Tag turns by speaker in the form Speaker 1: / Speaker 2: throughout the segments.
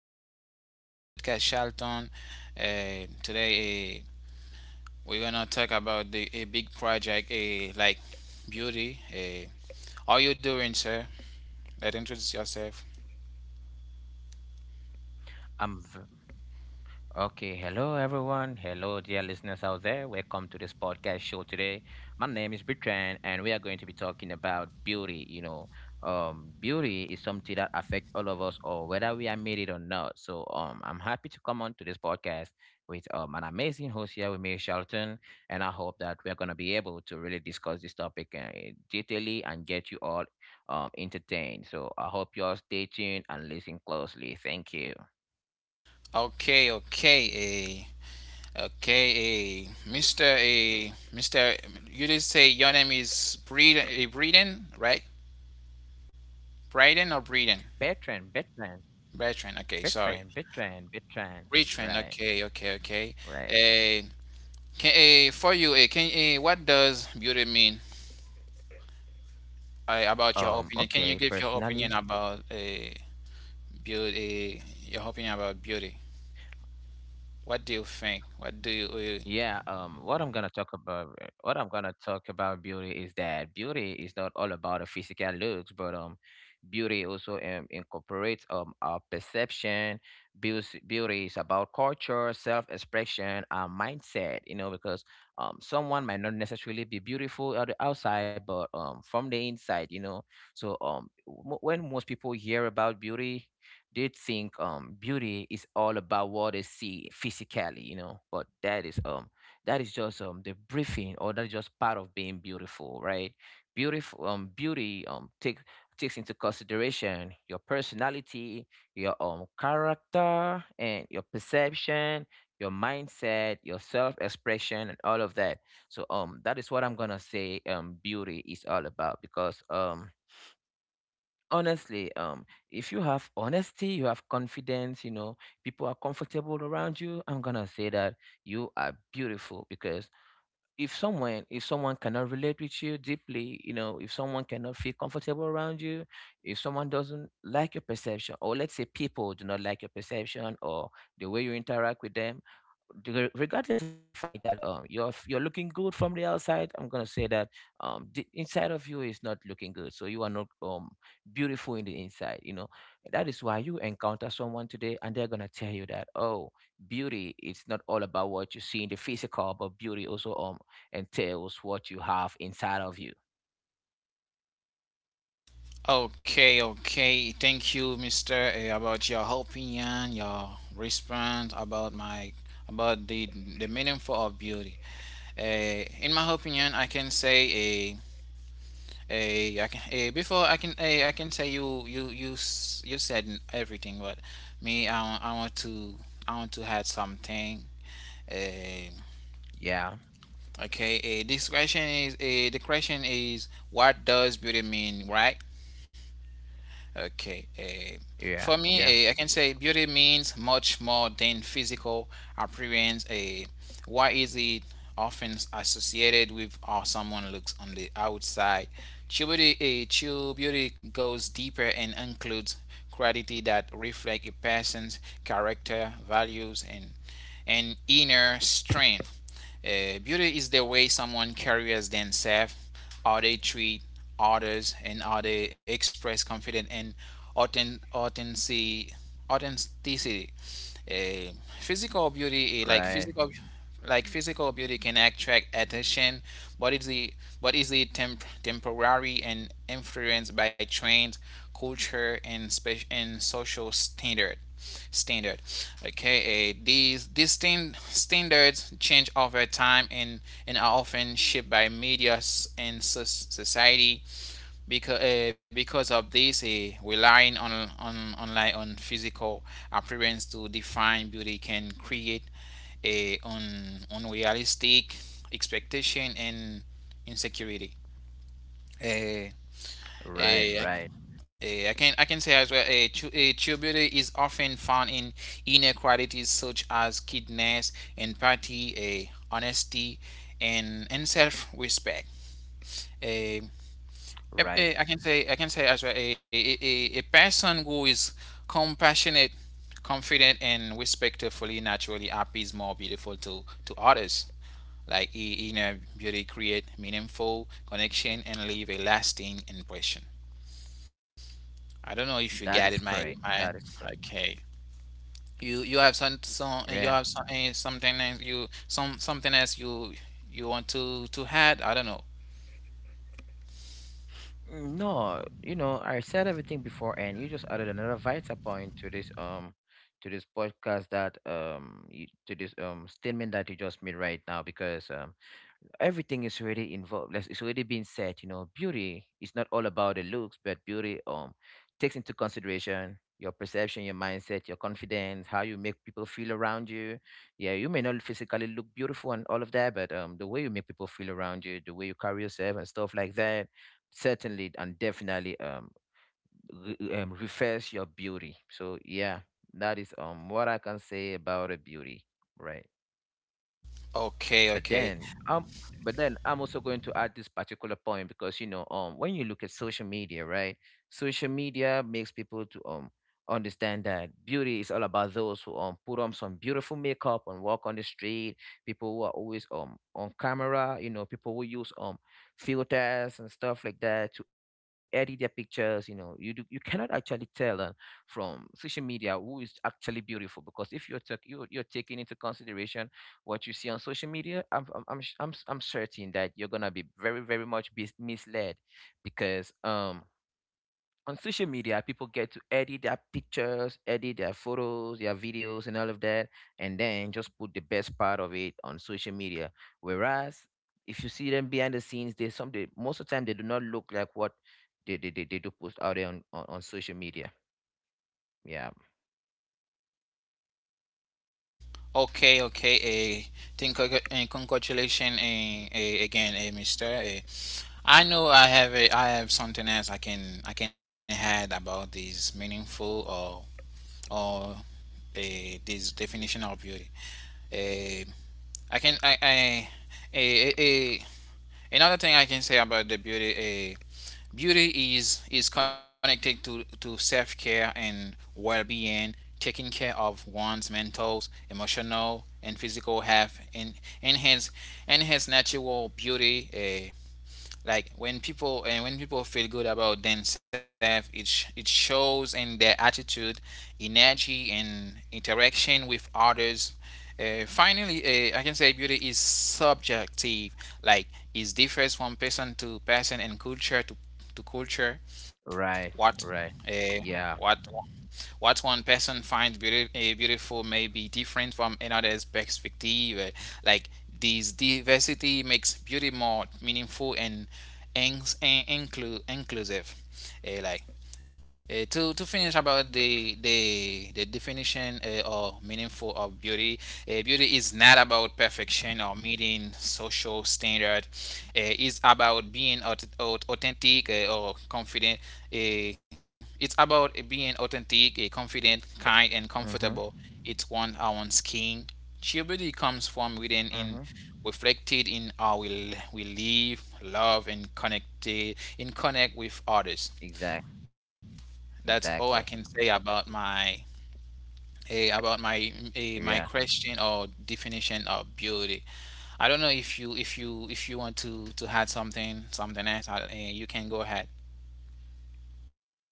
Speaker 1: is Sh- Sh- a podcast Shelton. Today, we're gonna talk about the a big project, like beauty. How you doing, sir? Let introduce yourself.
Speaker 2: I'm v- okay. Hello, everyone. Hello, dear listeners out there. Welcome to this podcast show today. My name is Bertrand, and we are going to be talking about beauty. Beauty is something that affects all of us, or whether we are made it or not. So, I'm happy to come on to this podcast with an amazing host here with me, Charlton, and I hope that we are gonna be able to really discuss this topic detailedly and get you all entertained. So, I hope you all stay tuned and listen closely. Thank you.
Speaker 1: Okay, okay, Mister, you did say your name is Breeden, Breeden, right? Breeden or Breeden?
Speaker 2: Bertrand, Bertrand,
Speaker 1: Bertrand. Okay, sorry.
Speaker 2: Bertrand.
Speaker 1: Retrain.
Speaker 2: Right,
Speaker 1: Okay, okay, okay.
Speaker 2: right.
Speaker 1: Uh, can, for you, can what does beauty mean? About your opinion, can you
Speaker 2: Okay,
Speaker 1: give your opinion
Speaker 2: personally,
Speaker 1: about beauty? Your opinion about beauty. What do you think? What do you?
Speaker 2: yeah, what I'm gonna talk about beauty is that beauty is not all about a physical looks, but beauty also incorporates our perception. Beauty is about culture, self-expression, our mindset. You know, because someone might not necessarily be beautiful on the outside, but from the inside. When most people hear about beauty, they think beauty is all about what they see physically. But that is just the briefing, or that's just part of being beautiful, right? Beautiful beauty take takes into consideration your personality, your character and your perception, your mindset, your self-expression and all of that. So that is what I'm gonna say beauty is all about, because honestly, if you have honesty, you have confidence, you know, people are comfortable around you. I'm gonna say that you are beautiful, because if someone cannot relate with you deeply, you know, if someone cannot feel comfortable around you, if someone doesn't like your perception, or let's say people do not like your perception or the way you interact with them, regardless of the fact that you're looking good from the outside, I'm gonna say that the inside of you is not looking good, so you are not beautiful in the inside, you know. That is why you encounter someone today and they're gonna tell you that, oh, beauty, it's not all about what you see in the physical, but beauty also entails what you have inside of you.
Speaker 1: Okay, okay. Thank you, Mister, Eh. About your opinion, your response about my about the meaningful of beauty. Eh. In my opinion, I can say eh, I can, eh, before I can, eh, I can say you said everything, but me, I want to add something. Eh,
Speaker 2: yeah
Speaker 1: okay, eh, this question is, eh, the question is, what does beauty mean, right? Okay.
Speaker 2: yeah
Speaker 1: For me,
Speaker 2: yeah
Speaker 1: I can say beauty means much more than physical appearance. Why is it often associated with how someone looks on the outside? True beauty goes deeper and includes quality that reflect a person's character, values, and inner strength. Beauty is the way someone carries themselves, how they treat others and are they express confidence and authenticity. authenticity. Eh, physical beauty, eh,
Speaker 2: right
Speaker 1: like physical beauty, can attract attention, but is the but is the temporary and influenced by trends, culture, and social standard. standard. Okay, these standards change over time and are often shaped by media s- and so- society because of this relying on online on physical appearance to define beauty can create a unrealistic expectation and insecurity uh, uh,
Speaker 2: right right
Speaker 1: I can say as well a true beauty is often found in inner qualities such as kindness, empathy, honesty, and self respect.
Speaker 2: right
Speaker 1: I can say as well a a person who is compassionate, confident, and respectfully naturally happy is more beautiful to others. Like inner beauty create meaningful connection and leave a lasting impression. I don't know if you get it.
Speaker 2: that
Speaker 1: My
Speaker 2: is
Speaker 1: my
Speaker 2: correct that is correct
Speaker 1: okay. You have some, you have
Speaker 2: Yeah.
Speaker 1: some, something else you something else you want to add. I don't know.
Speaker 2: Mm, no, you know, I said everything before, and you just added another vital point to this podcast that you, to this statement that you just made right now, because everything is already involved. Like, it's already been said, you know, beauty is not all about the looks, but beauty takes into consideration your perception, your mindset, your confidence, how you make people feel around you. Yeah, you may not physically look beautiful and all of that, but the way you make people feel around you, the way you carry yourself and stuff like that, certainly and definitely refers your beauty. So yeah, that is what I can say about a beauty, right?
Speaker 1: Okay,
Speaker 2: But
Speaker 1: okay.
Speaker 2: then, um, but then I'm also going to add this particular point, because you know, when you look at social media, right? Social media makes people to understand that beauty is all about those who put on some beautiful makeup and walk on the street. People who are always on camera, you know, people who use filters and stuff like that to edit their pictures. You know, you do, you cannot actually tell from social media who is actually beautiful, because if you're tak- you are you're taking into consideration what you see on social media. I'm sh- I'm, s- I'm certain that you're gonna be very, very much bis misled, because on social media people get to edit their pictures, edit their photos, their videos, and all of that, and then just put the best part of it on social media. Whereas if you see them behind the scenes, they some they most of the time they do not look like what they do post out there on, on social media. Yeah.
Speaker 1: Okay, okay. Thank you, and congratulations again, Mister. Eh. I know I have a, I have something else I can add about this meaningful or this definition of beauty. Eh, I can I eh, eh, eh, Another thing I can say about the beauty, uh, beauty is connected to self care and well being, taking care of one's mental, emotional, and physical health, and enhance enhance natural beauty. When people feel good about themselves it shows in their attitude energy and interaction with others finally I can say beauty is subjective like it differs from person to person and culture to culture
Speaker 2: Right.
Speaker 1: what
Speaker 2: Right.
Speaker 1: uh,
Speaker 2: Yeah.
Speaker 1: what what one person finds beautiful may be different from another's perspective. Like this diversity makes beauty more meaningful and, and inclusive. Eh, like to finish about the definition or meaningful of beauty, beauty is not about perfection or meeting social standard is about being authentic or confident. It's about being authentic, confident, kind, and
Speaker 2: Mhm.
Speaker 1: comfortable. It's one our skin. Cheerability comes from within
Speaker 2: Mhm.
Speaker 1: in reflected in how we live, love, and connected in connect with others.
Speaker 2: Exact.
Speaker 1: That's all I
Speaker 2: Exactly.
Speaker 1: can say about my about my
Speaker 2: Yeah.
Speaker 1: my question or definition of beauty. I don't know if you want to add something else. You can go ahead.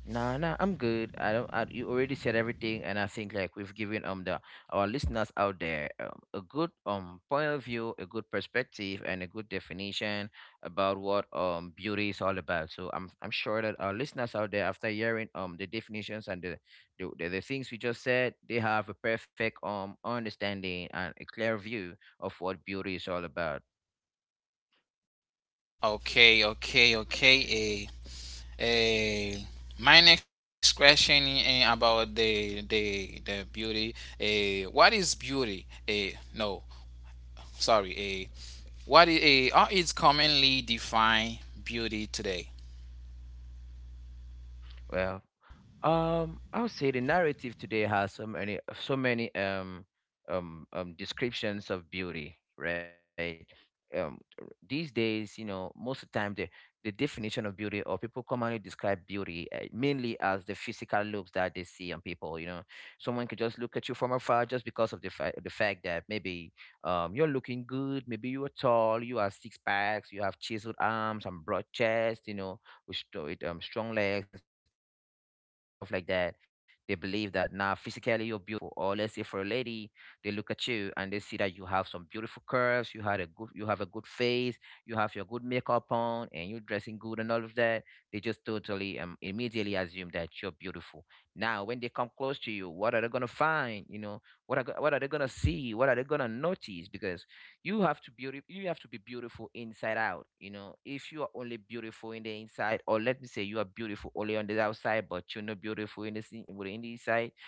Speaker 2: Nah, nah, I'm good. I don't. I, you already said everything, and I think like we've given the our listeners out there a good point of view, a good perspective, and a good definition about what beauty is all about. So I'm sure that our listeners out there, after hearing the definitions and the things we just said, they have a perfect understanding and a clear view of what beauty is all about.
Speaker 1: Okay, okay, okay. Eh, eh, my next question about the beauty. Eh, what is beauty? Eh, no, sorry. Eh, What is how is commonly defined beauty today?
Speaker 2: Well, I would say the narrative today has so many descriptions of beauty, right? Um, these days, you know, most of the time the definition of beauty, or people commonly describe beauty mainly as the physical looks that they see on people. You know, someone could just look at you from afar just because of the fact that maybe you're looking good, maybe you are tall, you are six packs, you have chiseled arms and broad chest, you know, with strong legs and stuff like that. They believe that now physically you're beautiful. Or let's say for a lady, they look at you and they see that you have some beautiful curves, you have a good face, you have your good makeup on, and you're dressing good and all of that. They just totally immediately assume that you're beautiful. Now when they come close to you, what are they gonna find? You know, what are they gonna see? What are they gonna notice? Because you have to be beautiful inside out, you know. If you are only beautiful in the inside, or let me say you are beautiful only on the outside, but you're not beautiful in in the inside,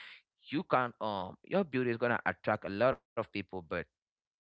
Speaker 2: you can not your beauty is going to attract a lot of people, but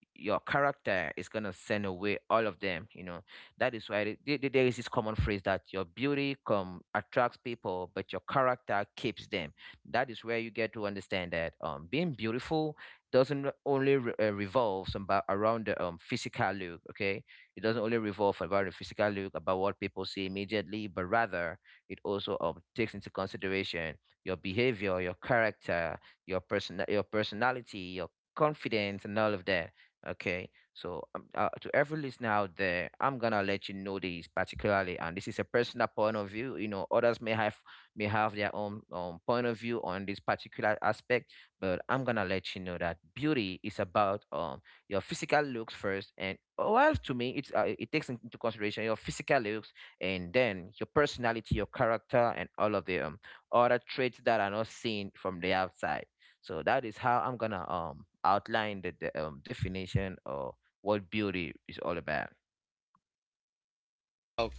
Speaker 2: your character is going to send away all of them, you know. That is why there is this common phrase that your beauty come attracts people, but your character keeps them. That is where you get to understand that being beautiful doesn't re- only re- revolve about around the physical look. Okay, it doesn't only revolve about the physical look, about what people see immediately, but rather it also takes into consideration your behavior, your character, your personality, your confidence and all of that. Okay, so to every listener out there, I'm gonna let you know this particularly, and this is a personal point of view. You know, others may have their own point of view on this particular aspect, but I'm gonna let you know that beauty is about your physical looks first, and well, to me, it takes into consideration your physical looks and then your personality, your character, and all of the other traits that are not seen from the outside. So that is how I'm gonna outline the definition of what beauty is all about.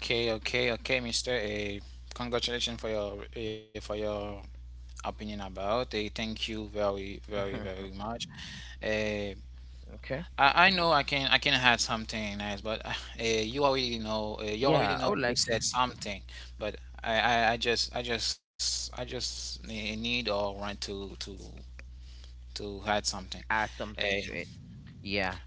Speaker 1: Okay, okay, okay, Mister. Congratulations for your opinion about. Thank you very, very,
Speaker 2: Mhm.
Speaker 1: very much. Uh,
Speaker 2: Okay.
Speaker 1: I know I can add something nice, but you already know you
Speaker 2: Yeah, I
Speaker 1: already
Speaker 2: would
Speaker 1: know
Speaker 2: like
Speaker 1: you
Speaker 2: to
Speaker 1: said something, but I just need or want to to add something.
Speaker 2: add something to
Speaker 1: Uh,
Speaker 2: it. Yeah.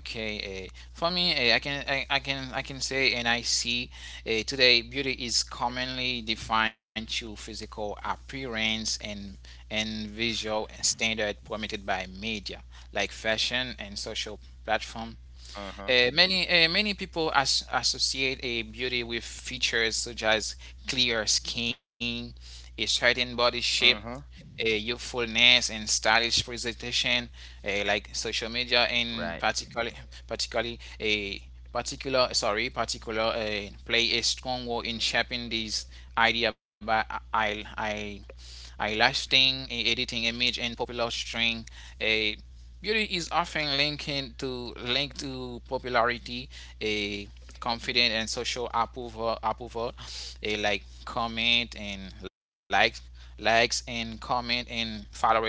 Speaker 1: Okay, for me, I can say and I see today beauty is commonly defined through physical appearance and visual standard permitted by media like fashion and social platform.
Speaker 2: Uh huh.
Speaker 1: Many people associate a beauty with features such as clear skin, a certain body shape,
Speaker 2: Uh huh.
Speaker 1: a youthfulness, and stylish presentation. Like social media, in
Speaker 2: Right.
Speaker 1: particularly particularly a particular play a strong role in shaping these idea by I I I lasting editing image and popular string. Uh, Beauty is often linked to popularity, a confidence and social approval, a like comment and likes and comment and followers.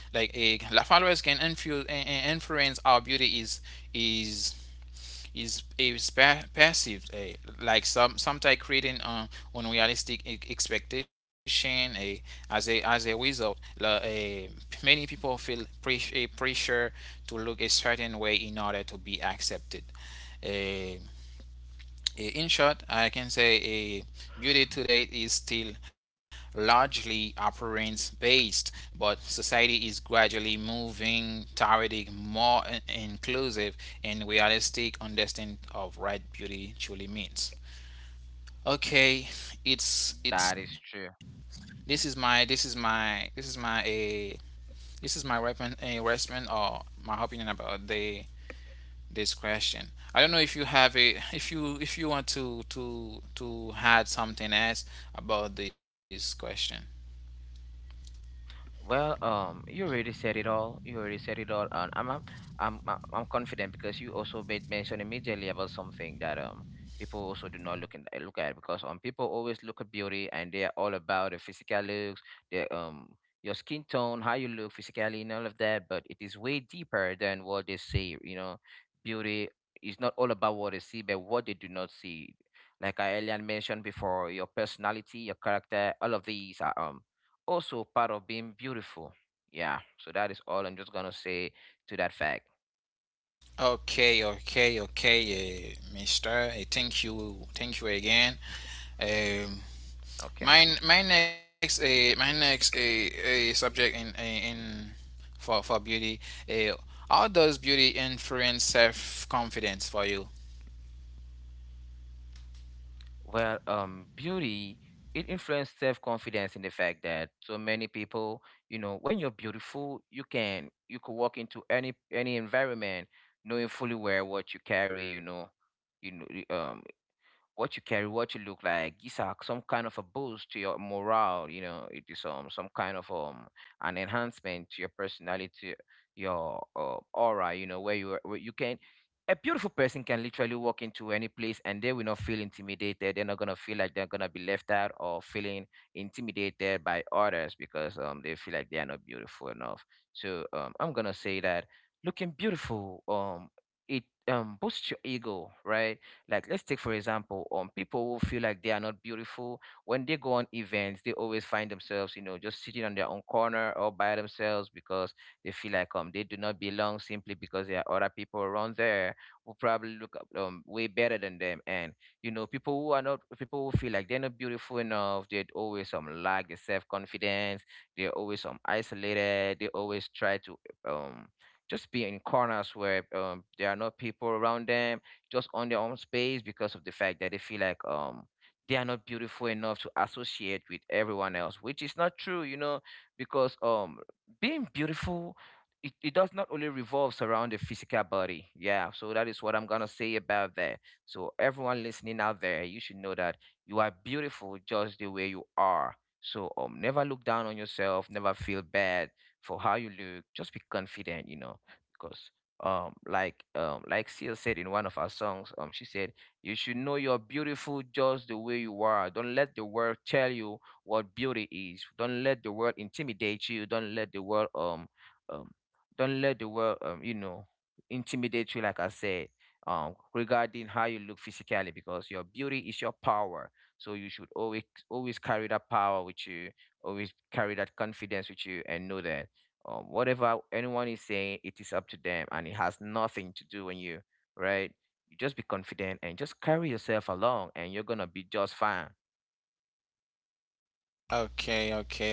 Speaker 1: Like a followers can influence our beauty is is a passive, a like some sometimes creating unrealistic expectation. A as a as a result, la- eh, many people feel pressure to look a certain way in order to be accepted. Eh, in short, I can say beauty today is still largely appearance based, but society is gradually moving toward a more inclusive and realistic understanding of what beauty truly means. Okay,
Speaker 2: That is
Speaker 1: it's
Speaker 2: true.
Speaker 1: this is my a this is my weapon a response or my opinion about the this question. I don't know if you have a if you want to to add something else about this question.
Speaker 2: Well, you already said it all. You already said it all, and I'm confident, because you also made mention immediately about something that people also do not look look at, because people always look at beauty and they are all about the physical looks, the your skin tone, how you look physically, and all of that. But it is way deeper than what they say. You know, beauty is not all about what they see, but what they do not see. Like I earlier mentioned before, your personality, your character, all of these are also part of being beautiful. Yeah, so that is all I'm just gonna say to that fact.
Speaker 1: Okay, okay, okay, Mister. Thank you, thank you again. Um,
Speaker 2: Okay.
Speaker 1: my my next uh, my next subject in for beauty. Uh, how does beauty influence self confidence for you?
Speaker 2: Well, beauty, it influences self confidence in the fact that so many people, you know, when you're beautiful, you could walk into any environment knowing fully well what you carry. You know, what you carry, what you look like, is a, some kind of a boost to your morale. You know, it is some kind of an enhancement to your personality, your aura. You know, where you can. A beautiful person can literally walk into any place and they will not feel intimidated. They're not gonna feel like they're gonna be left out or feeling intimidated by others because they feel like they are not beautiful enough. So I'm gonna say that looking beautiful, it boosts your ego, right? Like, let's take for example, people who feel like they are not beautiful when they go on events, they always find themselves, just sitting on their own corner or by themselves because they feel like they do not belong, simply because there are other people around there who probably look up, way better than them. And people who feel like they're not beautiful enough, they always some lack their self confidence, they're always isolated, they always try to um just be in corners where, there are no people around them, just on their own space, because of the fact that they feel like they are not beautiful enough to associate with everyone else, which is not true, because being beautiful, it does not only revolves around the physical body. Yeah. So that is what I'm gonna say about that. So everyone listening out there, you should know that you are beautiful just the way you are. So never look down on yourself, never feel bad for how you look. Just be confident, you know, because like Seal said in one of our songs, she said, you should know you're beautiful just the way you are. Don't let the world tell you what beauty is. Don't let the world intimidate you. Um don't let the world intimidate you, like I said, regarding how you look physically, because your beauty is your power. So you should always, always carry that power with you, always carry that confidence with you, and know that, whatever anyone is saying, it is up to them and it has nothing to do with you, right? You just be confident and just carry yourself along and you're gonna be just fine.
Speaker 1: Okay, okay, okay.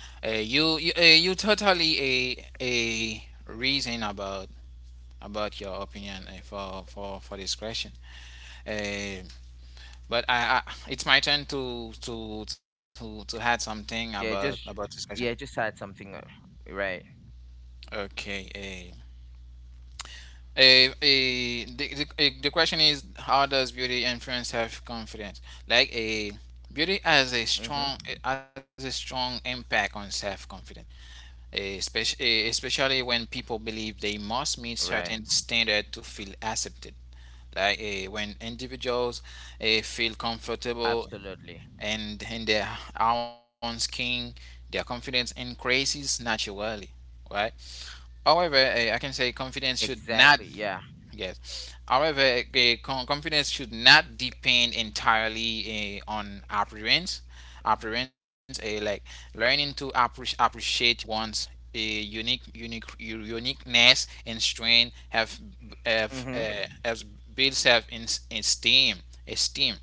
Speaker 1: You totally a reason about your opinion for for this question. Uh, but I it's my turn to add something
Speaker 2: Yeah,
Speaker 1: about this
Speaker 2: just
Speaker 1: question.
Speaker 2: yeah, just add something, right?
Speaker 1: Okay. The question is how does beauty influence self confidence? Like a beauty has a
Speaker 2: Mm-hmm.
Speaker 1: strong has a strong impact on self confidence. Especially when people believe they must meet
Speaker 2: Right.
Speaker 1: certain standard to feel accepted. Like when individuals feel comfortable
Speaker 2: Absolutely.
Speaker 1: and in their own skin, their confidence increases naturally, right? However, I can say confidence should
Speaker 2: Exactly.
Speaker 1: not
Speaker 2: Yeah.
Speaker 1: Yes. However, confidence should not depend entirely on appearance. Appearance, like learning to appreciate one's uniqueness and strength have
Speaker 2: Mm-hmm.
Speaker 1: has built self in, esteem. Esteem,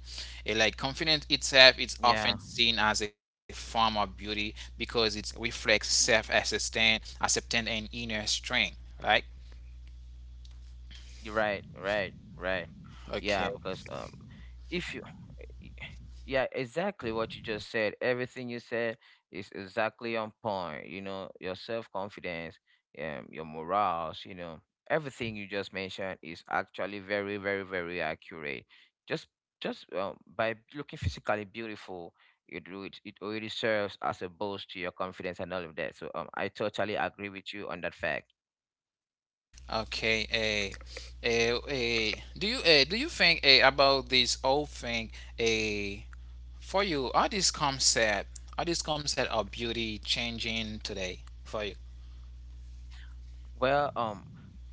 Speaker 1: Like confidence itself, is
Speaker 2: Yeah.
Speaker 1: often seen as a form of beauty because it reflects acceptance, and inner strength. Right?
Speaker 2: You're right. Right. Right.
Speaker 1: Okay.
Speaker 2: Yeah, because if you Y- yeah, exactly what you just said. Everything you said is exactly on point. Your self confidence, your morals, everything you just mentioned is actually very, very, very accurate. Just, just by looking physically beautiful, it do it. It already serves as a boost to your confidence and all of that. So, I totally agree with you on that fact.
Speaker 1: Okay, do you do you think about this whole thing? Eh, for you, are this concept of beauty changing today for you?
Speaker 2: Well,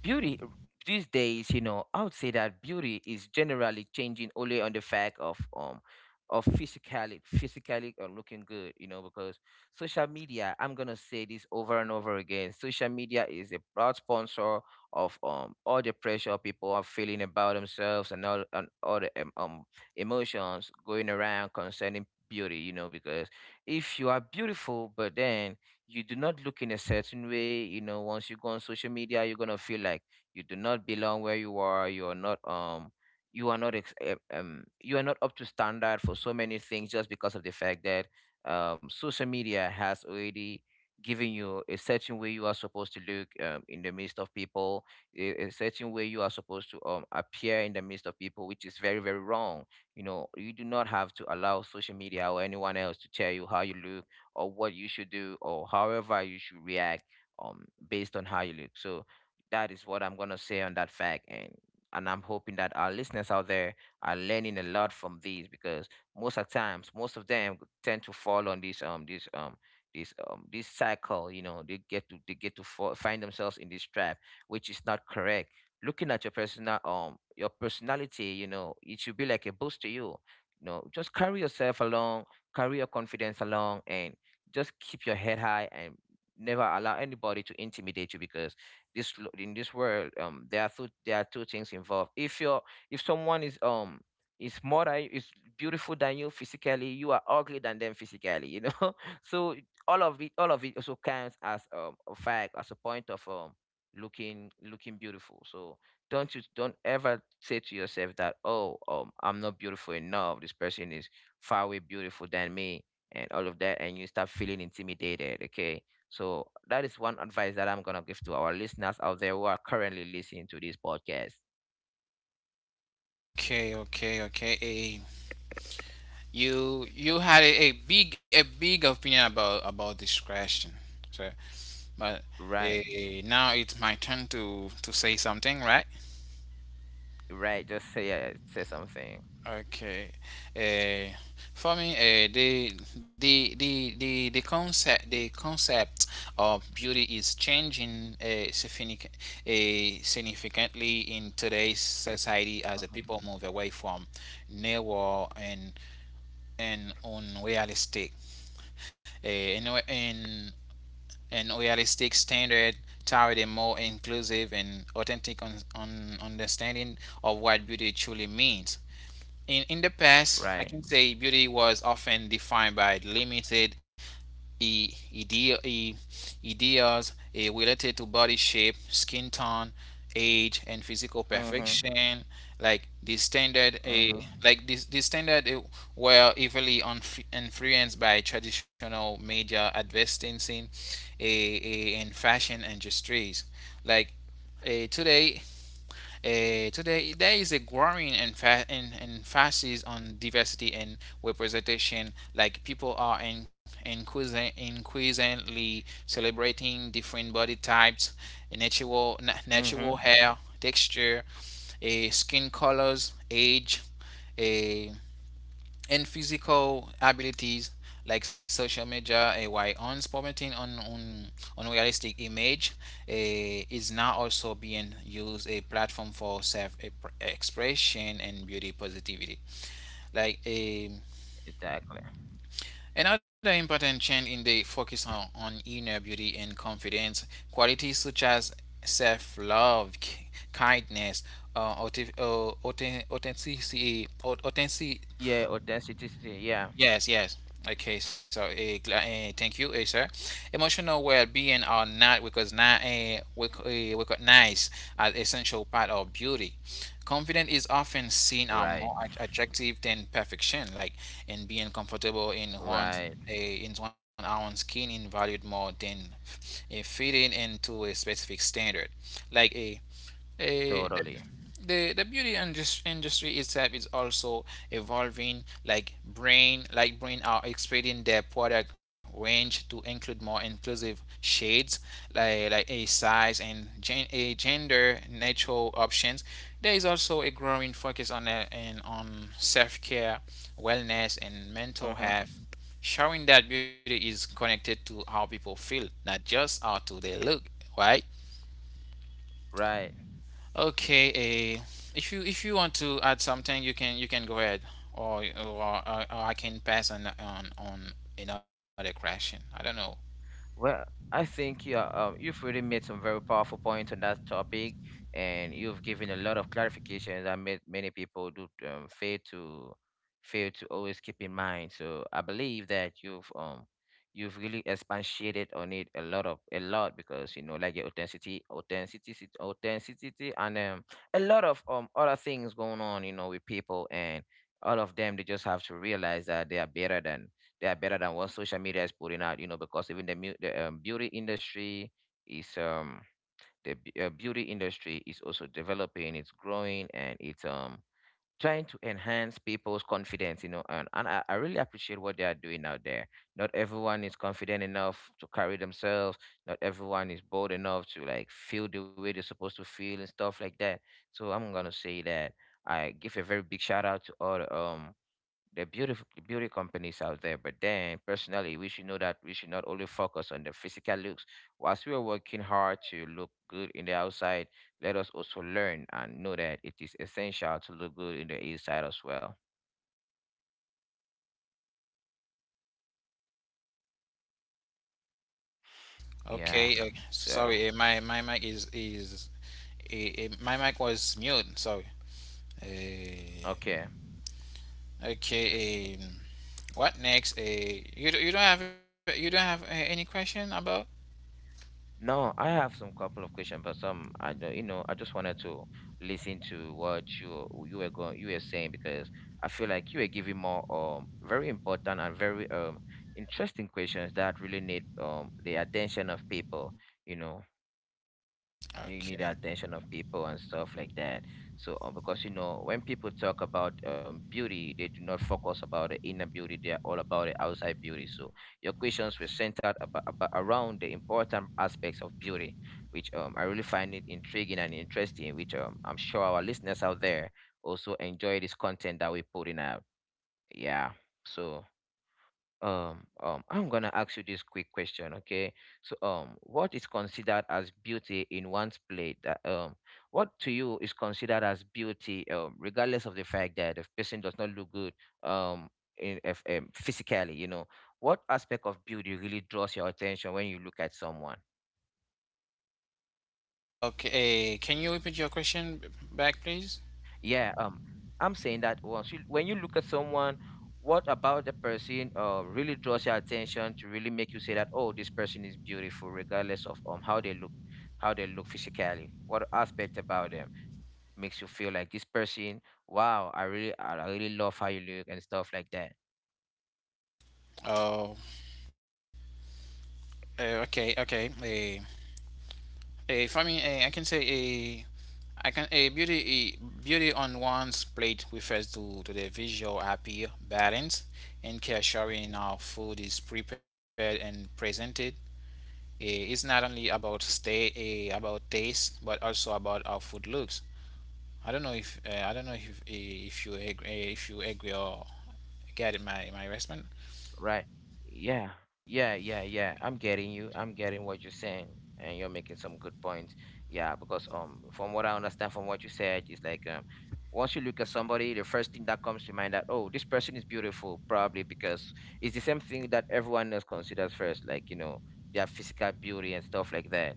Speaker 2: beauty these days, you know, I would say that beauty is generally changing only on the fact of physically looking good, you know, because social media, I'm gonna say this over and over again. Social media is a proud sponsor of all the pressure people are feeling about themselves, and all the emotions going around concerning beauty, you know, because if you are beautiful, but then you do not look in a certain way, you know, once you go on social media, you're gonna feel like you do not belong where you are. You are not ex- eh, you are not up to standard for so many things, just because of the fact that social media has already given you a certain way you are supposed to look, in the midst of people, a certain way you are supposed to appear in the midst of people, which is very, very wrong. You know, you do not have to allow social media or anyone else to tell you how you look or what you should do or however you should react, based on how you look. So that is what I'm going to say on that fact. And I'm hoping that our listeners out there are learning a lot from these, because most of times most of them tend to fall on this cycle. You know, they get to find themselves in this trap, which is not correct. Looking at your personality, you know, it should be like a boost to you. You know, just carry yourself along, carry your confidence along, and just keep your head high, and never allow anybody to intimidate you, because in this world, there are two things involved. If you're if someone is more than you, is beautiful than you physically, you are ugly than them physically, you know, so all of it also counts as, a fact, as a point of looking beautiful. So don't ever say to yourself that, oh, I'm not beautiful enough, this person is far away beautiful than me, and all of that, and you start feeling intimidated, okay? So that is one advice that I'm gonna give to our listeners out there who are currently listening to this podcast.
Speaker 1: Okay, okay, okay. You you had a big opinion about this question, so but
Speaker 2: Right,
Speaker 1: now it's my turn to say something, right?
Speaker 2: right just say, say something.
Speaker 1: Okay. Uh, for me, the concept of beauty is changing significantly in today's society as the
Speaker 2: Mhm.
Speaker 1: people move away from narrow and unrealistic uh, and, and and realistic standard toward a more inclusive and authentic understanding of what beauty truly means. In the past, I
Speaker 2: Right.
Speaker 1: can say beauty was often defined by limited i- idea, i- ideas related to body shape, skin tone, age, and physical
Speaker 2: Mm-hmm.
Speaker 1: perfection. Like the standard, eh,
Speaker 2: Mm-hmm.
Speaker 1: like this, the standard were heavily influenced by traditional media advertising, and fashion industries. Like eh, today, today, there is a growing emphasis on diversity and representation. Like people are increasingly celebrating different body types, natural
Speaker 2: Mm-hmm.
Speaker 1: hair texture, skin colors, age, uh, and physical abilities like social media while transforming on unrealistic image a is now also being used a platform for self expression and beauty positivity like a
Speaker 2: Exactly.
Speaker 1: Another important change in the focus on inner beauty and confidence, qualities such as self love, kindness, auth- authen- authenticity, authenticity,
Speaker 2: Yeah, authenticity, yeah.
Speaker 1: Yes, yes. Okay, so thank you, sir. Emotional well-being are not because not recognized as essential part of beauty. Confidence is often seen as
Speaker 2: Right,
Speaker 1: more attractive than perfection, like in being comfortable
Speaker 2: right,
Speaker 1: in one's own skin is valued more than fitting into a specific standard, like a. Uh,
Speaker 2: totally.
Speaker 1: the beauty industry itself is also evolving like brain are expanding their product range to include more inclusive shades like a size and gen- a gender neutral options. There is also a growing focus on and on self-care, wellness, and mental
Speaker 2: Hmm.
Speaker 1: health, showing that beauty is connected to how people feel, not just how do they look, right?
Speaker 2: Right.
Speaker 1: Okay. uh, if you if you want to add something, you can go ahead, or I can pass on another question. I don't know.
Speaker 2: Well, I think, yeah, you've really made some very powerful points on that topic, and you've given a lot of clarifications that made many people do fail to always keep in mind. So I believe that you've really expatiated on it, a lot, because, you know, like, your authenticity, authenticity, authenticity, and a lot of other things going on, you know, with people, and all of them, they just have to realize that they are better than what social media is putting out. You know, because even is um beauty industry is also developing. It's growing, and it's trying to enhance people's confidence, you know. And I really appreciate what they are doing out there. Not everyone is confident enough to carry themselves, not everyone is bold enough to like feel the way they're supposed to feel and stuff like that. So I'm gonna say that I give a very big shout out to all the beautiful the beauty companies out there. But then, personally, we should know that we should not only focus on the physical looks. Whilst we are working hard to look good in the outside, let us also learn and know that it is essential to look good in the inside as well. Yeah.
Speaker 1: Okay,
Speaker 2: So.
Speaker 1: sorry, my my mic is my mic was mute. Sorry.
Speaker 2: Okay.
Speaker 1: Uh, okay. Um, what next? You don't have you don't have any question about?
Speaker 2: No, I have some couple of questions, but some I don't, you know, I just wanted to listen to what you were saying, because I feel like you were giving more, very important and very, interesting questions that really need, the attention of people, you know, you need the
Speaker 1: Okay.
Speaker 2: attention of people and stuff like that. So, because, you know, when people talk about, beauty, they do not focus about the inner beauty, they are all about the outside beauty. So your questions were centered about around the important aspects of beauty, which, I really find it intriguing and interesting, which, I'm sure our listeners out there also enjoy this content that we're putting out. Yeah. So I'm gonna ask you this quick question, okay? So, what is considered as beauty in one's plate that what to you is considered as beauty, regardless of the fact that the person does not look good, um in if, physically, you know, what aspect of beauty really draws your attention when you look at someone?
Speaker 1: Okay. Can you repeat your question back, please?
Speaker 2: Yeah, I'm saying that, once you when you look at someone, what about the person really draws your attention to really make you say that, oh, this person is beautiful, regardless of how they look physically. What aspect about them makes you feel like, this person? Wow, I really love how you look and stuff like that.
Speaker 1: Oh. Okay. Okay. A For me, I can say a I can a beauty on one's plate refers to the visual appeal, balance, and care showing how food is prepared and presented. It's not only about about taste, but also about how food looks. I don't know if I don't know if you agree or get my my response.
Speaker 2: Right. Yeah. Yeah, yeah, yeah. I'm getting you, I'm getting what you're saying, and you're making some good points. Yeah, because from what I understand from what you said, it's like, once you look at somebody, the first thing that comes to mind that, oh, this person is beautiful, probably because it's the same thing that everyone else considers first, like, you know, their physical beauty and stuff like that.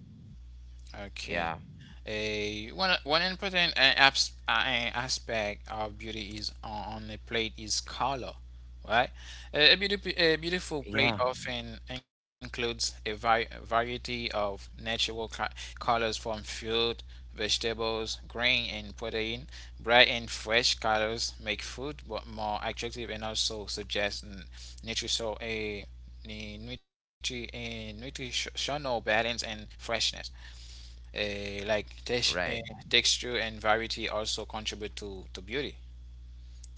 Speaker 1: Okay.
Speaker 2: Yeah.
Speaker 1: A One one important aspect of beauty is on a plate is color, right? A beautiful plate
Speaker 2: Yeah.
Speaker 1: often includes a variety of natural colors from fruit, vegetables, grain, and protein. Bright and fresh colors make food more attractive and also suggest nutritional a nutritional balance and freshness. Like
Speaker 2: Right.
Speaker 1: texture and variety also contribute to beauty.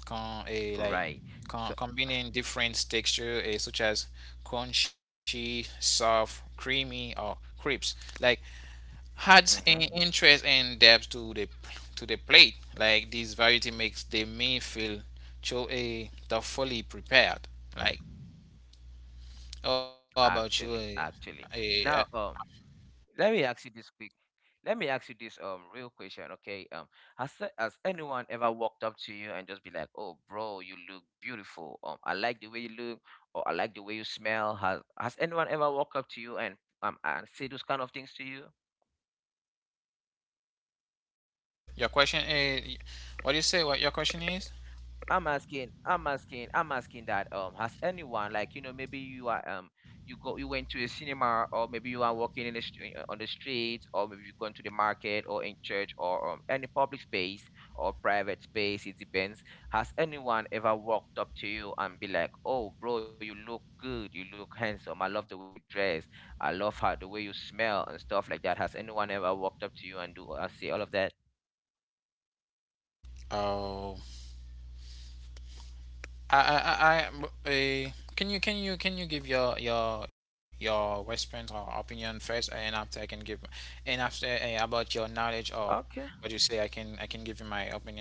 Speaker 1: Con- uh, like
Speaker 2: Right. So.
Speaker 1: Combining different texture such as crunchy, soft, creamy, or crisp, like adds an
Speaker 2: Mm-hmm.
Speaker 1: interest and depth to the plate. Like this variety makes the meal feel thoughtfully prepared. Like,
Speaker 2: Mm-hmm.
Speaker 1: how about you?
Speaker 2: Actually, actually.
Speaker 1: Uh, uh,
Speaker 2: Now, let me ask you this quick let me ask you this, real question, okay? Has anyone ever walked up to you and just be like, "Oh, bro, you look beautiful. I like the way you look, or I like the way you smell." Has anyone ever walked up to you and say those kind of things to you?
Speaker 1: your question? What do you say? What your question is?
Speaker 2: I'm asking that has anyone, like, you know, maybe you are you go you went to a cinema, or maybe you are walking in the streets, or maybe you've gone to the market, or in church, or any public space or private space, it depends. Has anyone ever walked up to you and be like, oh bro, you look good, you look handsome, I love the way you dress, I love how the way you smell and stuff like that? Has anyone ever walked up to you and do say all of that?
Speaker 1: Oh. I I I I- uh, can you give your response or opinion first, and after I can give, and after about your knowledge or
Speaker 2: Okay.
Speaker 1: what you say, I can give you my opinion.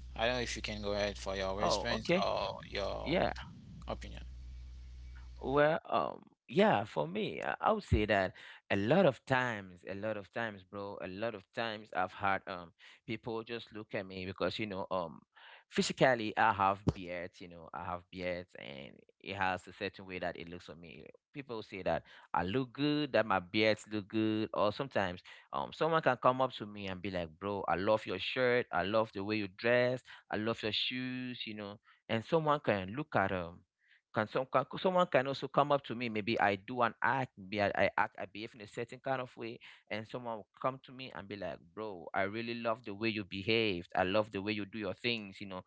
Speaker 1: I don't know if you can go ahead for your
Speaker 2: Oh,
Speaker 1: response
Speaker 2: okay.
Speaker 1: or your
Speaker 2: Yeah.
Speaker 1: opinion.
Speaker 2: Well, yeah, for me, I would say that a lot of times, a lot of times, bro, a lot of times I've had people just look at me because, you know, physically I have beards, you know, I have beards, and it has a certain way that it looks on me. People say that I look good, that my beards look good, or sometimes someone can come up to me and be like, bro, I love your shirt, I love the way you dress, I love your shoes, you know, and someone can look at can some can someone can also come up to me. Maybe I do an act, maybe I behave in a certain kind of way, and someone will come to me and be like, "Bro, I really love the way you behaved. I love the way you do your things. You know,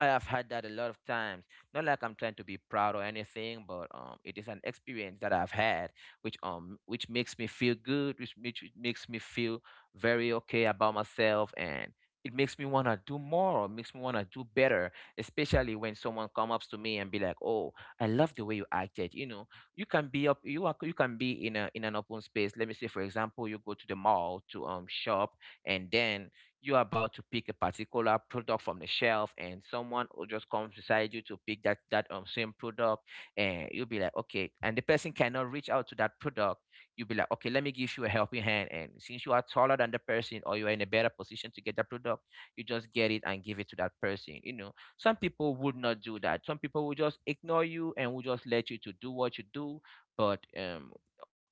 Speaker 2: I have had that a lot of times. Not like I'm trying to be proud or anything, but it is an experience that I've had, which makes me feel good, which makes me feel very okay about myself, and it makes me wanna do more, makes me wanna do better. Especially when someone comes up to me and be like, "Oh, I love the way you acted." You know, you can be in a in an open space. Let me say, for example, you go to the mall to shop, and then you're about to pick a particular product from the shelf, and someone will just come beside you to pick that same product, and you'll be like, okay, and the person cannot reach out to that product. You'll be like, okay, let me give you a helping hand, and since you are taller than the person, or you're in a better position to get that product, you just get it and give it to that person, you know. Some people would not do that. Some people will just ignore you and will just let you to do what you do. But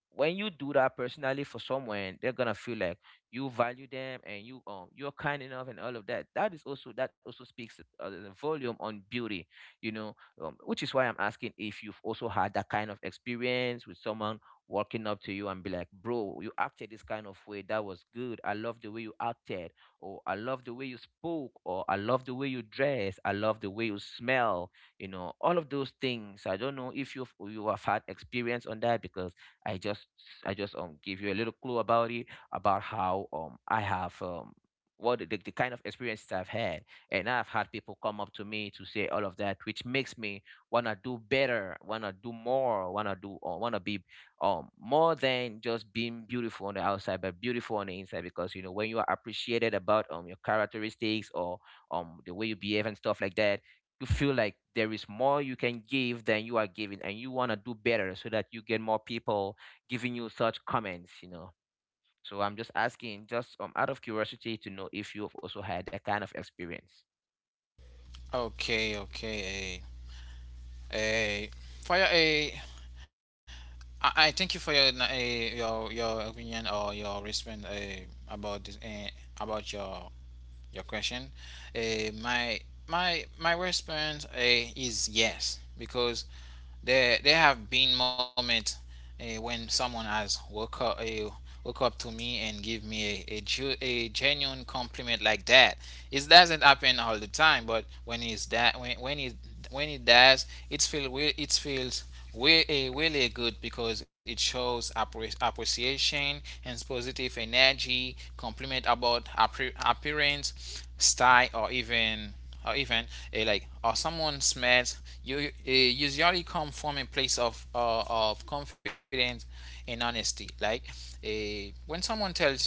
Speaker 2: when you do that personally for someone, they're gonna feel like you value them, and you you're kind enough, and all of that. That is also, that also speaks the volume on beauty, you know. Which is why I'm asking if you've also had that kind of experience, with someone walking up to you and be like, bro, you acted this kind of way, that was good, I love the way you acted, or I love the way you spoke, or I love the way you dress, I love the way you smell. You know, all of those things. I don't know if you have had experience on that, because I just I just give you a little clue about it, about how I have what the kind of experiences I've had, and I've had people come up to me to say all of that, which makes me wanna do better, wanna do more, wanna do, or wanna be more than just being beautiful on the outside, but beautiful on the inside. Because, you know, when you are appreciated about your characteristics, or the way you behave and stuff like that, you feel like there is more you can give than you are giving, and you want to do better so that you get more people giving you such comments, you know. So I'm just asking, just out of curiosity, to know if you've also had that kind of experience.
Speaker 1: Okay, okay. Eh, eh, for your I thank you for your your opinion or your response about this about your question. My response is yes, because there have been moments when someone has woke up to me and give me a genuine compliment like that. It doesn't happen all the time, but when it does, it feel it feels really good because it shows appreciation and positive energy, compliment about appearance, style, or even or even like or someone smells you usually come from a place of confidence and honesty. Like when someone tells you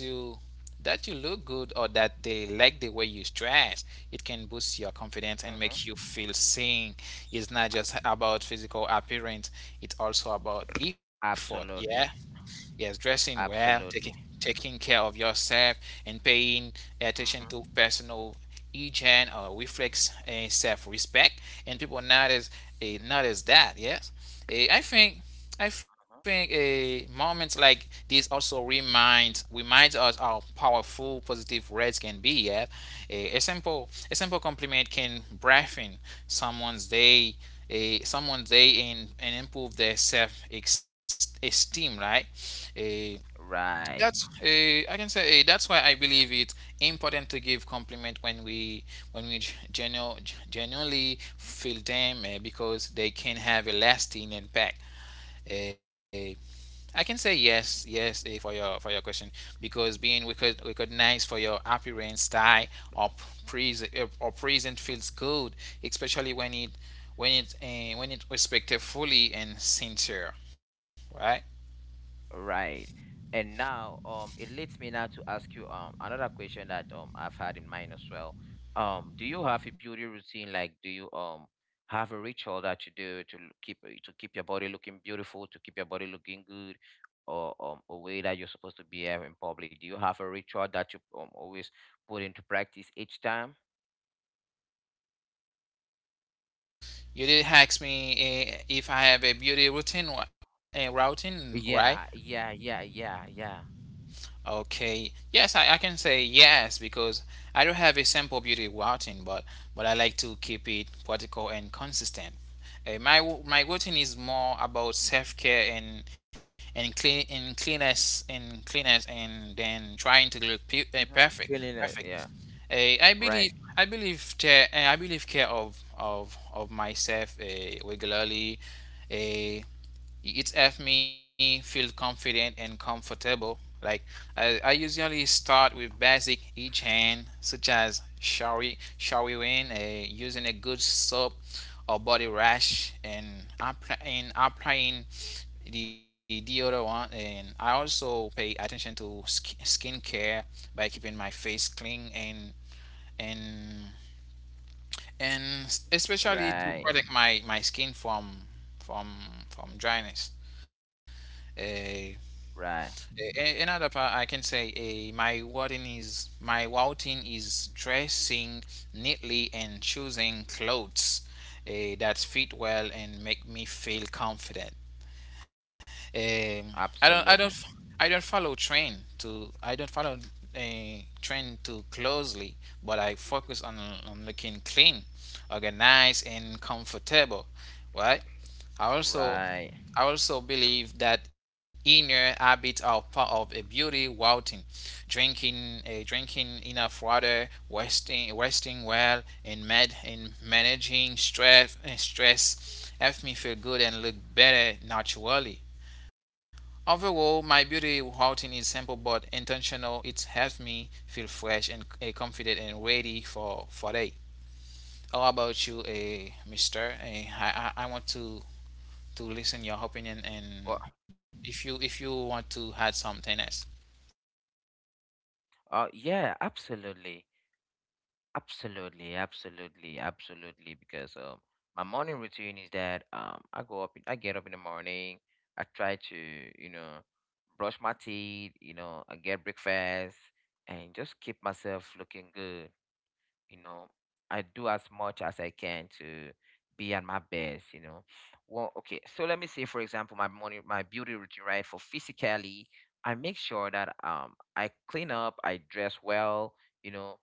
Speaker 1: that you look good or that they like the way you dress, it can boost your confidence and
Speaker 2: Mm-hmm.
Speaker 1: make you feel seen. It's not just about physical appearance, it's also about effort, yeah.
Speaker 2: Absolutely,
Speaker 1: Yes, dressing well, taking
Speaker 2: absolutely.
Speaker 1: taking care of yourself, and paying attention
Speaker 2: Mm-hmm.
Speaker 1: to personal hygiene or reflects self-respect. And people notice notice that. Yes. Eh, I think I think moments like this also reminds us how powerful positive words can be. Yes, a simple compliment can brighten someone's day, a someone they and improve their self esteem, right? a
Speaker 2: Right.
Speaker 1: that's a I can say, that's why I believe it important to give compliment when we when we genu- genuinely feel them, because they can have a lasting impact. eh, I can say yes, yes, for your question, because being recognized for your appearance, style, or present feels good, especially when it when it respected fully and sincere, right?
Speaker 2: Right. And now, it leads me now to ask you another question that I've had in mind as well. Do you have a beauty routine? Like, do you have a ritual that you do to l- keep to keep your body looking beautiful, to keep your body looking good, or a way that you're supposed to behave in public? Do you have a ritual that you always put into practice each time?
Speaker 1: You did ask me if I have a beauty routine, routine, right?
Speaker 2: Yeah, yeah, yeah, yeah, yeah.
Speaker 1: Okay. Yes, I can say yes, because I do have a simple beauty routine, but I like to keep it practical and consistent. My routine is more about self care and cleanness and then trying to look
Speaker 2: Mm-hmm.
Speaker 1: perfect.
Speaker 2: Feeling it,
Speaker 1: Perfect.
Speaker 2: yeah.
Speaker 1: Uh, I
Speaker 2: Right,
Speaker 1: believe I believe I believe care of myself regularly. Uh, it helped me feel confident and comfortable. Like I usually start with basic hygiene, such as showering, using a good soap or body wash, and applying the deodorant. And I also pay attention to skincare by keeping my face clean and and and especially to
Speaker 2: right,
Speaker 1: protect my my skin from from dryness. Uh,
Speaker 2: right.
Speaker 1: Another part I can say, my routine is dressing neatly and choosing clothes that fit well and make me feel confident. Um, I don't, I don't,
Speaker 2: Absolutely,
Speaker 1: f- I don't follow I don't follow a trend too closely, but I focus on looking clean, organized, and comfortable, right? I also,
Speaker 2: right.
Speaker 1: I also believe that inner habits are part of a beauty routine. Drinking enough water, resting well, and managing stress, and stress helps me feel good and look better naturally. Overall, my beauty routine is simple but intentional. It's helped me feel fresh and confident and ready for day. How about you, Mister? I want to listen your opinion,
Speaker 2: Well,
Speaker 1: and if you want to add something else.
Speaker 2: yeah, absolutely, absolutely, absolutely, absolutely. Because my morning routine is that I get up in the morning, I try to, you know, brush my teeth, you know, I get breakfast, and just keep myself looking good. You know, I do as much as I can to be at my best, you know. Well, okay, so let me say, for example, my morning, my beauty routine, right? For physically, I make sure that I clean up, I dress well, you know,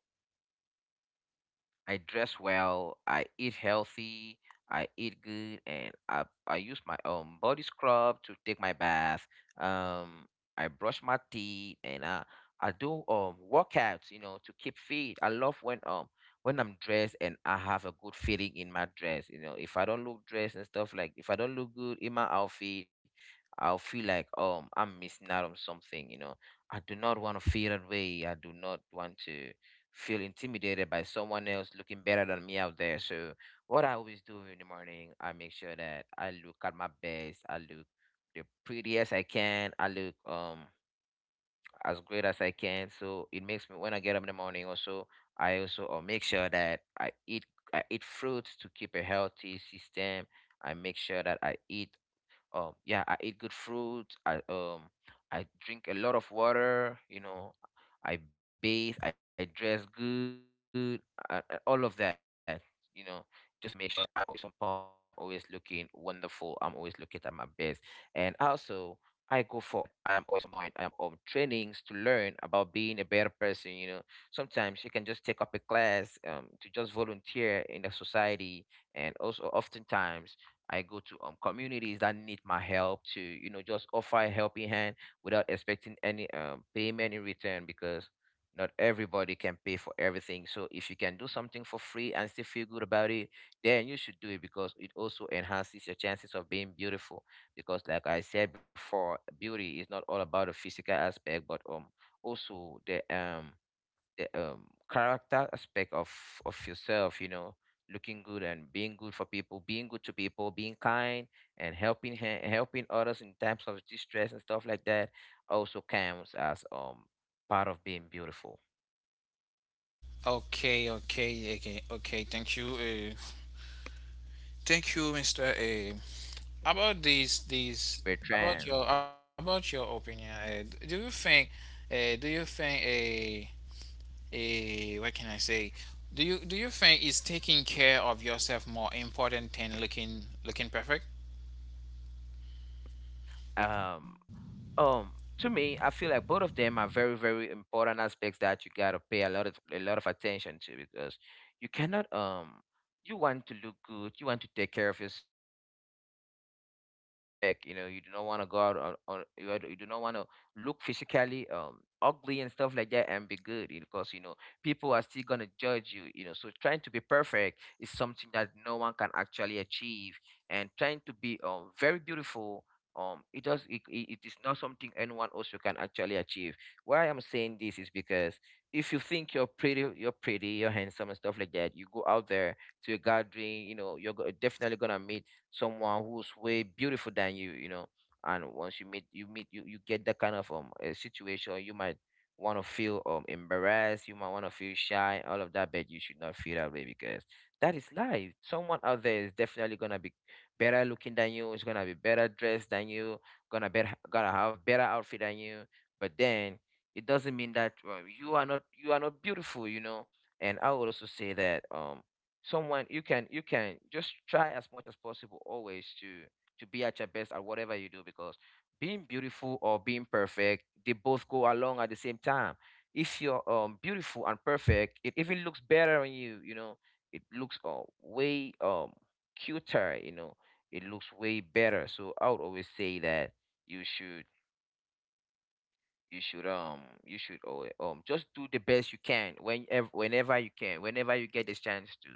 Speaker 2: I dress well, I eat healthy, I eat good, and I use my body scrub to take my bath. Um, I brush my teeth, and I do workouts, you know, to keep fit. I love when I'm dressed and I have a good feeling in my dress. You know, if I don't look dressed and stuff, like if I don't look good in my outfit, I'll feel like I'm missing out on something. You know, I do not want to feel that way. I do not want to feel intimidated by someone else looking better than me out there. So what I always do in the morning, I make sure that I look at my best. I look the prettiest I can. I look as great as I can. So it makes me, when I get up in the morning also, I also make sure that I eat fruits to keep a healthy system. I make sure that I eat yeah, I eat good fruit. I drink a lot of water. You know, I bathe. I dress good. All of that. You know, just to make sure that I am always on point. I am always looking wonderful. I'm always looking at my best. And also, I go for trainings to learn about being a better person. You know, sometimes you can just take up a class to just volunteer in the society, and also oftentimes I go to communities that need my help to, you know, just offer a helping hand without expecting any payment in return, because not everybody can pay for everything. So if you can do something for free and still feel good about it, then you should do it, because it also enhances your chances of being beautiful. Because, like I said before, beauty is not all about the physical aspect, but also the character aspect of yourself, you know. Looking good and being good for people, being good to people, being kind, and helping helping others in times of distress and stuff like that also counts as part of being beautiful.
Speaker 1: Okay, okay, okay, okay. Thank you, Mister. About this, this
Speaker 2: Bertrand.
Speaker 1: about your opinion. Do you think, do you think, what can I say? Do you think is taking care of yourself more important than looking looking perfect?
Speaker 2: um Um, to me, I feel like both of them are very, very important aspects that you gotta pay a lot of, a lot of attention to, because you cannot you want to look good, you want to take care of yourself, and as well you want to look perfect. You know, you do not want to go out on, you do not want to look physically ugly and stuff like that and be good, you know, because you know people are still gonna judge you. You know, so trying to be perfect is something that no one can actually achieve, and trying to be very beautiful. Um it does it, it it is not something anyone else you can actually achieve. Why I'm saying this is because if you think you're pretty, you're handsome and stuff like that, you go out there to a gathering, you know definitely gonna meet someone who's way beautiful than you, you know. And once you you get that kind of a situation, you might want to feel embarrassed, you might want to feel shy, all of that, but you should not feel that way because that is life. Someone out there is definitely gonna be better looking than you, is gonna be better dressed than you, gonna have better outfit than you. But then it doesn't mean that you are not beautiful, you know. And I would also say that someone, you can just try as much as possible always to be at your best at whatever you do, because being beautiful or being perfect, they both go along at the same time. If you're beautiful and perfect, it even looks better on you, you know. It looks way cuter, you know. It looks way better. So I would always say that you should you should you should oh, just do the best you can whenever you can, whenever you get this chance to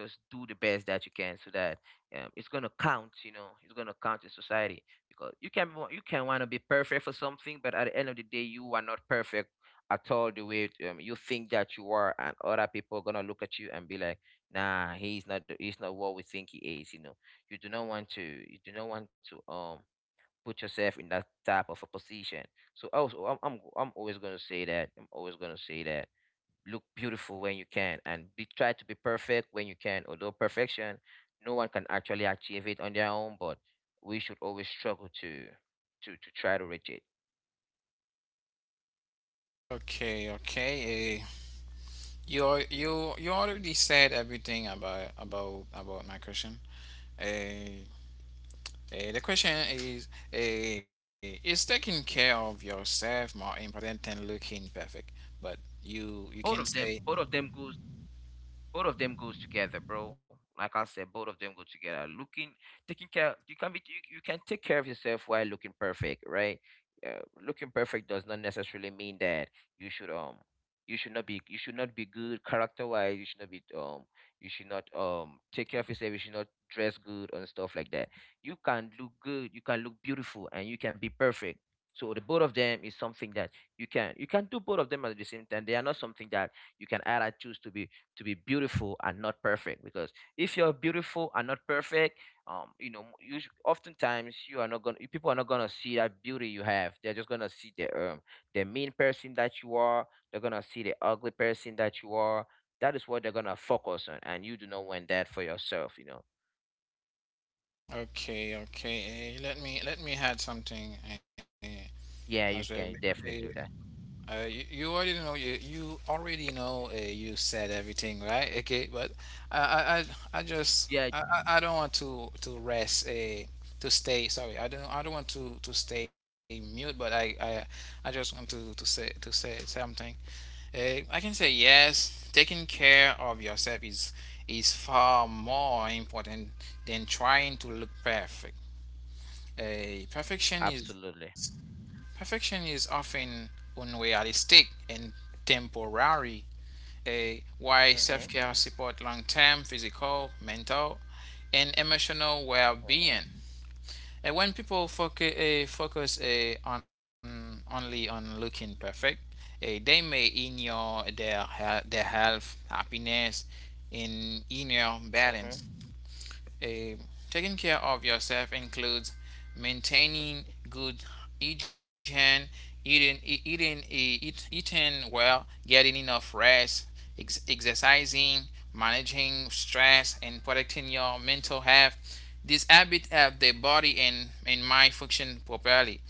Speaker 2: just do the best that you can, so that it's gonna count, you know, it's gonna count in society. Because you can want to be perfect for something, but at the end of the day, you are not perfect at all the way you think that you are, and other people are gonna look at you and be like, nah, he's not what we think he is, you know. You do not want to you do not want to put yourself in that type of a position. So also, I'm always gonna say that. I'm always gonna say that. Look beautiful when you can, and be try to be perfect when you can. Although perfection, no one can actually achieve it on their own, but we should always struggle to try to reach it.
Speaker 1: Okay, okay. You already said everything about my question. Uh, the question is taking care of yourself more important than looking perfect? But you can say
Speaker 2: Both of them goes both of them goes together, bro. Like I said, both of them go together. Looking, taking care, you can take care of yourself while looking perfect, right? Looking perfect does not necessarily mean that you should um, you should not be good character wise. You should not be you should not take care of yourself. You should not dress good and stuff like that. You can look good, you can look beautiful, and you can be perfect. So the both of them is something that you can do both of them at the same time. They are not something that you can either choose to be beautiful and not perfect. Because if you're beautiful and not perfect, you know oftentimes you are not gonna people are not gonna see that beauty you have. They're just gonna see the mean person that you are, they're gonna see the ugly person that you are. That is what they're gonna focus on, and you do not want that for yourself, you know.
Speaker 1: okay, okay. Let me let me add something as
Speaker 2: Yeah,
Speaker 1: well.
Speaker 2: you can definitely do that.
Speaker 1: You, you already know, you already know, you said everything right, okay, but I just
Speaker 2: Yeah.
Speaker 1: I don't want to rest to stay sorry, I don't want to stay mute, but I just want to say something. I can say yes, taking care of yourself is far more important than trying to look perfect. uh, perfection is
Speaker 2: Absolutely.
Speaker 1: Perfection is often unrealistic and temporary, while
Speaker 2: Mm-hmm,
Speaker 1: self care support long term physical, mental, and emotional well
Speaker 2: mm-hmm,
Speaker 1: being. And when people focus on only on looking perfect, they may ignore their health, happiness, and inner
Speaker 2: mm-hmm,
Speaker 1: balance. Uh, Taking care of yourself includes maintaining good hygiene, eating well, getting enough rest, exercising, managing stress, and protecting your mental health. These habits help the body and mind function properly.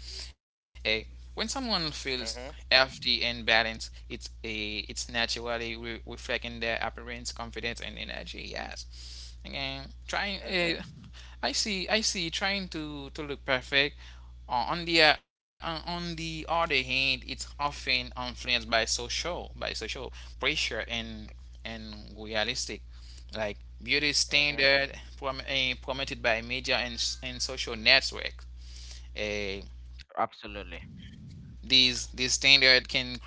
Speaker 1: Eh, when someone feels
Speaker 2: mm-hmm,
Speaker 1: healthy and balanced, it's naturally reflecting their appearance, confidence, and energy. Yes. Again, trying
Speaker 2: mm-hmm,
Speaker 1: I see trying to look perfect. On the on the other hand, it's often influenced by social pressure and realistic like beauty
Speaker 2: hmm.
Speaker 1: standard promoted by media and social networks. Uh,
Speaker 2: Absolutely.
Speaker 1: these standard can create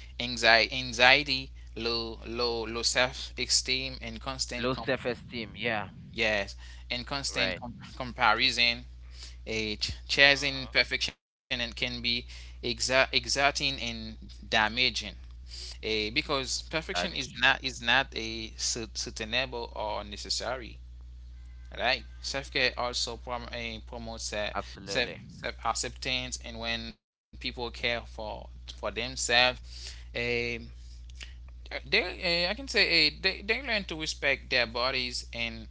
Speaker 1: anxiety, low self esteem, and constant
Speaker 2: Low
Speaker 1: comp.
Speaker 2: self-esteem, yeah.
Speaker 1: Yes, and constant
Speaker 2: Right.
Speaker 1: comparison, a chasing
Speaker 2: Uh-huh.
Speaker 1: perfection, and can be exerting and damaging. A Because perfection
Speaker 2: That is true.
Speaker 1: is not a sustainable or necessary. Right, self care also promotes self
Speaker 2: Absolutely.
Speaker 1: self acceptance, and when people care for themselves, they I can say they learn to respect their bodies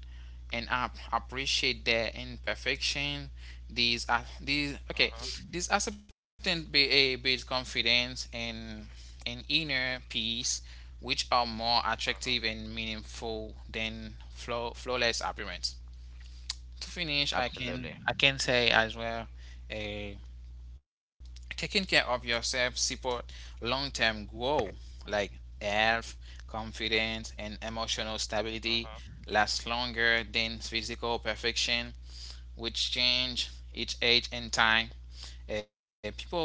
Speaker 1: and appreciate their imperfection. These are these okay.
Speaker 2: Mhm.
Speaker 1: This acceptance builds confidence and inner peace, which are more attractive
Speaker 2: Mhm.
Speaker 1: and meaningful than flawless appearance. To finish, I can
Speaker 2: Absolutely.
Speaker 1: say as well. eh, Taking care of yourself support long-term growth like health, confidence and emotional stability
Speaker 2: Mhm.
Speaker 1: lasts longer than physical perfection which change each age and time. People who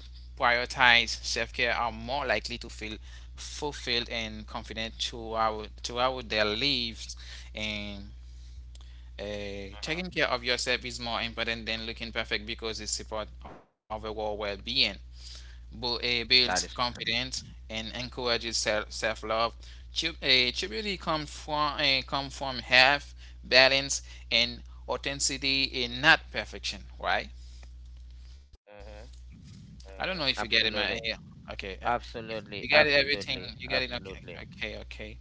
Speaker 1: prioritize self-care are more likely to feel fulfilled and confident throughout their lives, and
Speaker 2: Mhm.
Speaker 1: taking care of yourself is more important than looking perfect because it supports overall well-being, builds
Speaker 2: That is true.
Speaker 1: confidence and encourages self love. Humility comes from come from health, balance, and authenticity, and not perfection, right?
Speaker 2: Mhm.
Speaker 1: I don't know if you
Speaker 2: Mhm.
Speaker 1: get it, my yeah.
Speaker 2: Absolutely.
Speaker 1: Okay, you
Speaker 2: Absolutely.
Speaker 1: got it. Everything
Speaker 2: Absolutely.
Speaker 1: you got it. Okay,
Speaker 2: Absolutely.
Speaker 1: okay, okay.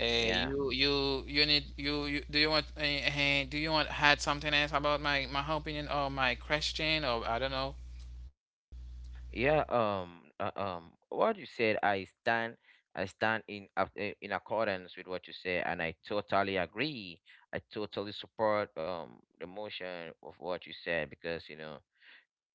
Speaker 2: Yeah.
Speaker 1: You need you, you do you want had something else about my opinion or my question, or I don't know.
Speaker 2: Yeah. What you said, I stand. I stand in accordance with what you said, and I totally agree. I totally support the motion of what you said, because you know,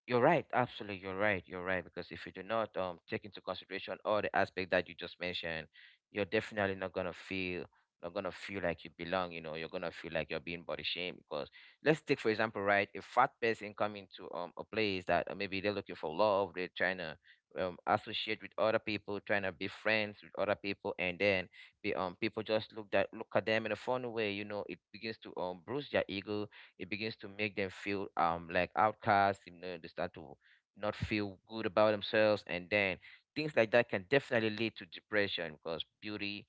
Speaker 2: you're right. Absolutely, you're right. You're right, because if you do not take into consideration all the aspect that you just mentioned, you're definitely not gonna feel like you belong. You know, you're gonna feel like you're being body shamed. Because let's take for example, right, a fat person coming to a place that maybe they're looking for love, they're trying to associate with other people, trying to be friends with other people, and then be people just look at them in a funny way. You know, it begins to bruise their ego, it begins to make them feel like outcasts, you know. They start to not feel good about themselves, and then things like that can definitely lead to depression. Because beauty,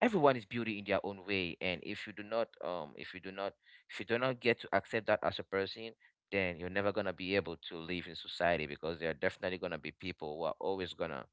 Speaker 2: everyone is beauty in their own way, and if you do not if you do not get to accept that as a person, then you're never going to be able to live in society, because there are definitely going to be people who are always going to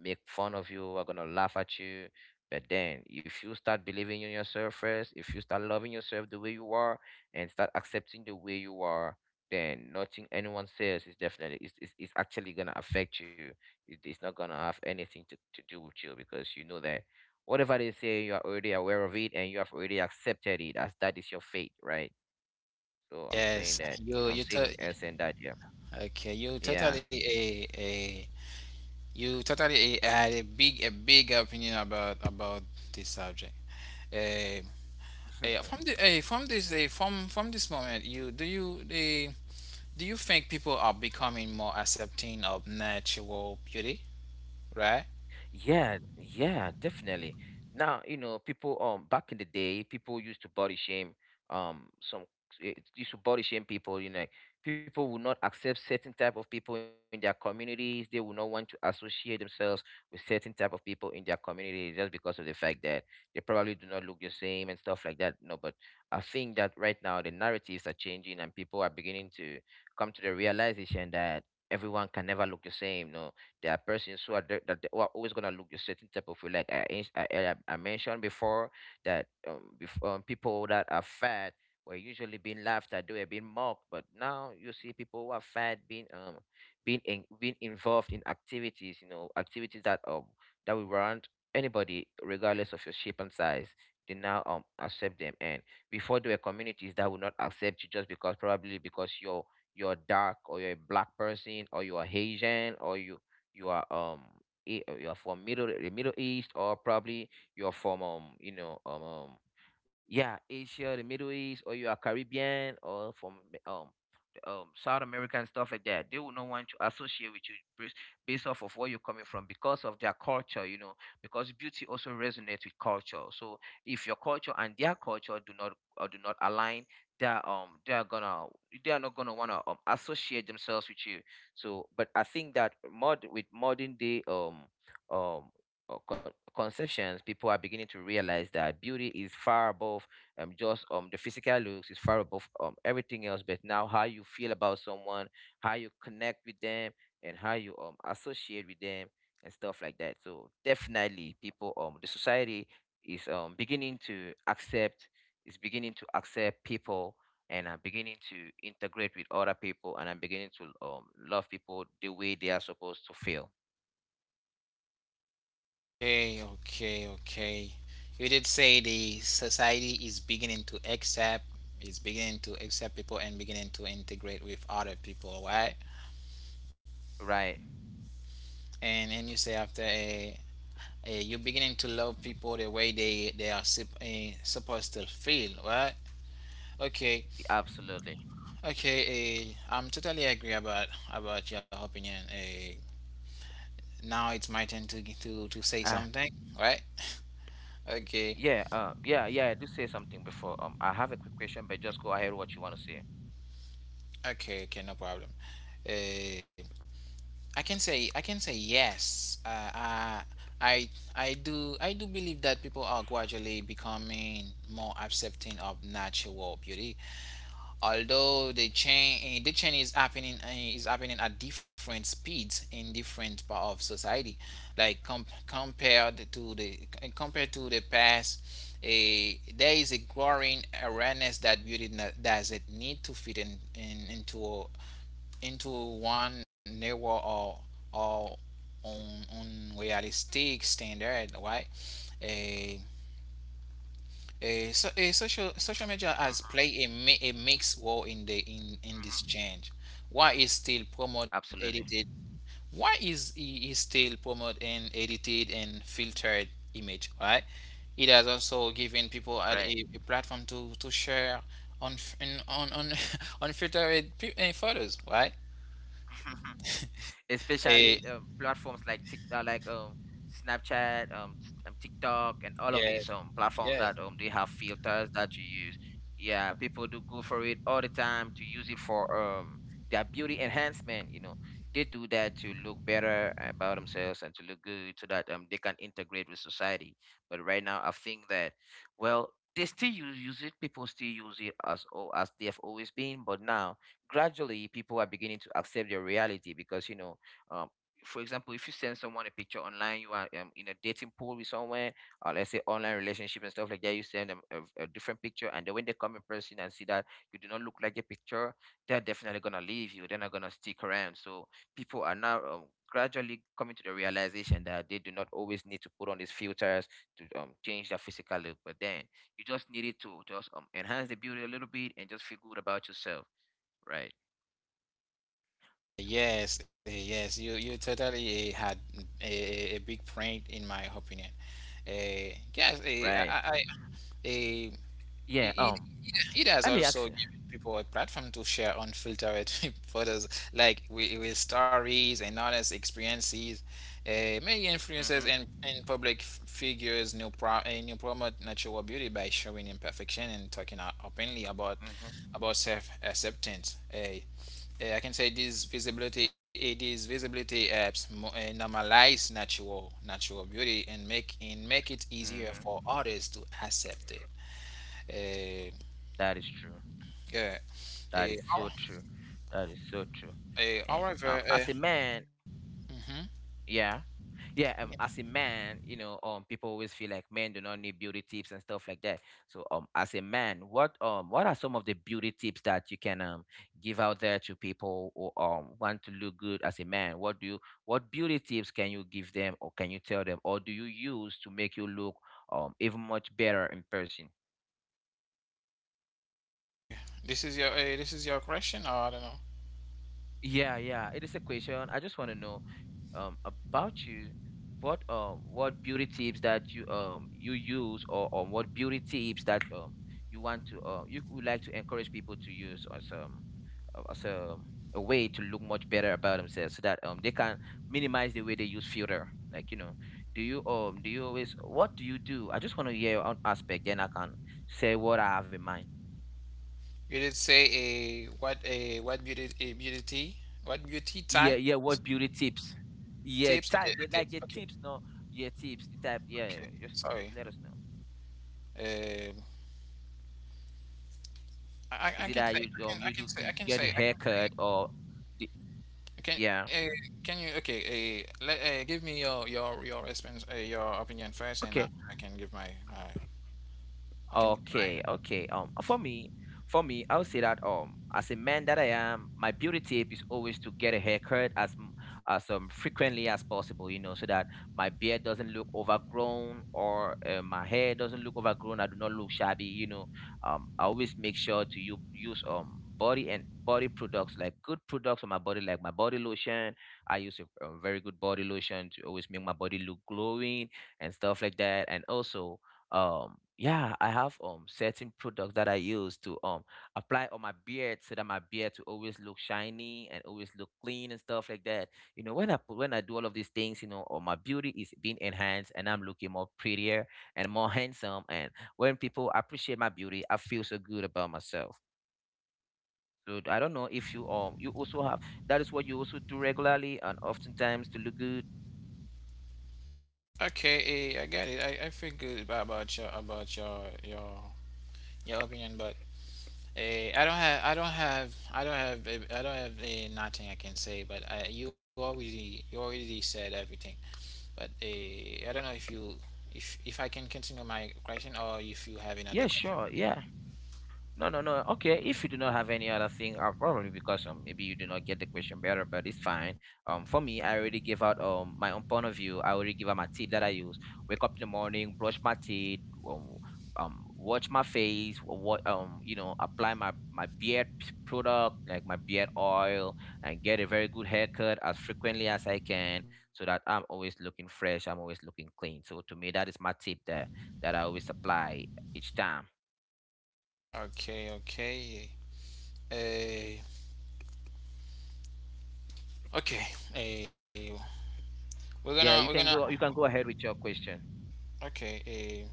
Speaker 2: make fun of you, who are going to laugh at you. But then if you start believing in yourself first, if you start loving yourself the way you are and start accepting the way you are, then nothing anyone says is definitely is actually going to affect you. It's not going to have anything to do with you, because you know that whatever they say, you are already aware of it and you have already accepted it as that is your fate, right? So I'm saying
Speaker 1: Yes,
Speaker 2: that,
Speaker 1: you
Speaker 2: I'm
Speaker 1: you
Speaker 2: saying
Speaker 1: t
Speaker 2: in essence that, yeah,
Speaker 1: Okay,
Speaker 2: yeah.
Speaker 1: you totally a, had a big opinion about this subject. Uh, from the from this from this moment, you do you do you think people are becoming more accepting of natural beauty, right?
Speaker 2: Yeah, yeah, definitely. Now, you know, people back in the day, people used to body shame um some people, you know, like, people will not accept certain type of people in their communities. They will not want to associate themselves with certain type of people in their community, just because of the fact that they probably do not look the same and stuff like that. No, but I think that right now the narratives are changing and people are beginning to come to the realization that everyone can never look the same. No, there are persons who are there, who are always gonna look a certain type of way. Like I ins- I mentioned before that people that are fat were usually being laughed at, they were being mocked. But now you see people who are fat being being in, being involved in activities, you know, activities that that we warrant anybody, regardless of your shape and size. They now accept them. And before, there were communities that would not accept you just because probably because you're dark, or you're a black person, or you're Haitian, or you are you are from Middle East, or probably you're from Asia, the Middle East, or you are Caribbean, or from um South America and stuff like that. They will not want to associate with you based, based off of where you're coming from, because of their culture, you know, because beauty also resonates with culture. So if your culture and their culture do not or do not align, they are gonna they are not gonna wanna associate themselves with you. So, but I think that modern day um conceptions, people are beginning to realize that beauty is far above just the physical looks, is far above everything else. But now, how you feel about someone, how you connect with them, and how you associate with them and stuff like that. So definitely, people the society is beginning to accept is beginning to accept people, and I'm beginning to integrate with other people, and I'm beginning to love people the way they are supposed to feel.
Speaker 1: Okay, okay, okay. You did say the society is beginning to accept, is beginning to accept people and beginning to integrate with other people, right?
Speaker 2: Right.
Speaker 1: And you say after a you're beginning to love people the way they are supposed to feel, right? Okay.
Speaker 2: Absolutely.
Speaker 1: Okay, I'm totally agree about your opinion. Now it's my turn to to say
Speaker 2: Ah.
Speaker 1: something, right? Okay.
Speaker 2: Yeah, yeah, yeah. I do say something before. I have a quick question, but just go ahead. What you want to say?
Speaker 1: Okay, okay no problem. uh, I can say yes, I I do believe that people are gradually becoming more accepting of natural beauty, although the change is happening is happening at different speeds in different part of society, like com- compared to the compared to the past. A, there is a growing awareness that beauty doesn't need to fit in into one narrow, or unrealistic standard, right? Eh, so, social media has played a, a mixed role in the in this
Speaker 2: Hmm.
Speaker 1: change. Why is still promote edited?
Speaker 2: Absolutely.
Speaker 1: Why is i- is still promote and edited and filtered image? Right. It has also given people
Speaker 2: Right.
Speaker 1: a platform to share on on unfiltered photos. Right. Uh,
Speaker 2: Especially platforms like Snapchat, TikTok, and all of
Speaker 1: yes.
Speaker 2: these platforms
Speaker 1: Yes.
Speaker 2: that they have filters that you use. Yeah, people do go for it all the time to use it for their beauty enhancement. You know, they do that to look better about themselves and to look good, so that they can integrate with society. But right now, I think that, well, they still use it. People still use it as they have always been, but now gradually people are beginning to accept their reality because um, for example, if you send someone a picture online, you are in a dating pool with someone, or let's say online relationship and stuff like that, you send them a different picture, and then when they come in person and see that you do not look like a picture, they're definitely going to leave you, they're not going to stick around. So people are now gradually coming to the realization that they do not always need to put on these filters to change their physical look, but then you just needed to just enhance the beauty a little bit and just feel good about yourself. Right.
Speaker 1: Yes, yes, you totally had a big point in my opinion. Yes,
Speaker 2: Right.
Speaker 1: I, eh,
Speaker 2: Yeah.
Speaker 1: it, it, it has
Speaker 2: I mean,
Speaker 1: also
Speaker 2: actually.
Speaker 1: given people a platform to share unfiltered photos, like with stories and honest experiences. Many influencers
Speaker 2: Mhm.
Speaker 1: and public figures new promote natural beauty by showing imperfection and talking openly
Speaker 2: Mhm.
Speaker 1: about self acceptance. I can say these visibility these visibility apps normalize natural beauty and make it easier
Speaker 2: Mhm.
Speaker 1: for others to accept it. Eh,
Speaker 2: That is true.
Speaker 1: yeah.
Speaker 2: That
Speaker 1: Eh,
Speaker 2: is so
Speaker 1: hor-
Speaker 2: true. That is so true. And
Speaker 1: However,
Speaker 2: as a man.
Speaker 1: mhm.
Speaker 2: Yeah.
Speaker 1: You
Speaker 2: Yeah,
Speaker 1: can-
Speaker 2: as a man, you know, people always feel like men do not need beauty tips and stuff like that. So, as a man, what are some of the beauty tips that you can give out there to people who want to look good as a man? What beauty tips can you give them, or can you tell them, or do you use to make you look even much better in person?
Speaker 1: this is your this is your question, or I don't know.
Speaker 2: Yeah, yeah. It is a question. I just want to know about you. What beauty tips that you you use, or on what beauty tips that you want to you would like to encourage people to use as a way to look much better about themselves so that they can minimize the way they use filter. Like, you know, do you do you always, what do you do? I just want to hear your own aspect, then I can say what I have in mind.
Speaker 1: You did say a what beauty a beauty what beauty
Speaker 2: Yeah,
Speaker 1: types
Speaker 2: yeah, what beauty tips?
Speaker 1: tips?
Speaker 2: Yeah,
Speaker 1: Okay,
Speaker 2: type they
Speaker 1: tips.
Speaker 2: like
Speaker 1: Okay,
Speaker 2: the tips, no, yeah, tips, the type, yeah, yeah,
Speaker 1: okay.
Speaker 2: yeah, just
Speaker 1: Sorry.
Speaker 2: let us know.
Speaker 1: Um,
Speaker 2: Is
Speaker 1: I
Speaker 2: it
Speaker 1: can
Speaker 2: that
Speaker 1: say
Speaker 2: you um
Speaker 1: I
Speaker 2: you
Speaker 1: can
Speaker 2: do
Speaker 1: say I
Speaker 2: you
Speaker 1: can
Speaker 2: get
Speaker 1: say I can say.
Speaker 2: haircut or the,
Speaker 1: Can uh,
Speaker 2: yeah.
Speaker 1: can you okay? Let give me your response, your opinion first, and I
Speaker 2: Okay.
Speaker 1: I can give my I can give my.
Speaker 2: Okay, okay. For me, I would say that as a man that I am, my beauty tip is always to get a haircut as frequently as possible. You know, so that my beard doesn't look overgrown, or my hair doesn't look overgrown. I do not look shabby. You know, I always make sure to you use body and body products, like good products on my body, like my body lotion. I use a very good body lotion to always make my body look glowing and stuff like that. And also yeah, I have certain products that I use to apply on my beard so that my beard to always look shiny and always look clean and stuff like that. You know, when I do all of these things, you know, or my beauty is being enhanced, and I'm looking more prettier and more handsome. And when people appreciate my beauty, I feel so good about myself. So I don't know if you you also have that is what you also do regularly and oftentimes to look good.
Speaker 1: Okay, I got it. I feel good about your about your your opinion, but I don't have I don't have I don't have I don't have nothing I can say. But I, you already said everything. But I don't know if you if I can continue my question, or if you have another
Speaker 2: Yeah,
Speaker 1: question.
Speaker 2: sure, yeah. No, no, no. Okay, if you do not have any other thing, probably because maybe you do not get the question better, but it's fine. For me, I already gave out my own point of view. I already give out my tip that I use. Wake up in the morning, brush my teeth, watch my face, what you know, apply my beard product, like my beard oil, and get a very good haircut as frequently as I can, so that I'm always looking fresh. I'm always looking clean. So to me, that is my tip there that I always apply each time.
Speaker 1: Okay, okay. Uh, Okay, eh, we're gonna we're
Speaker 2: Yeah,
Speaker 1: gonna
Speaker 2: you can go. You can go ahead with your question.
Speaker 1: okay.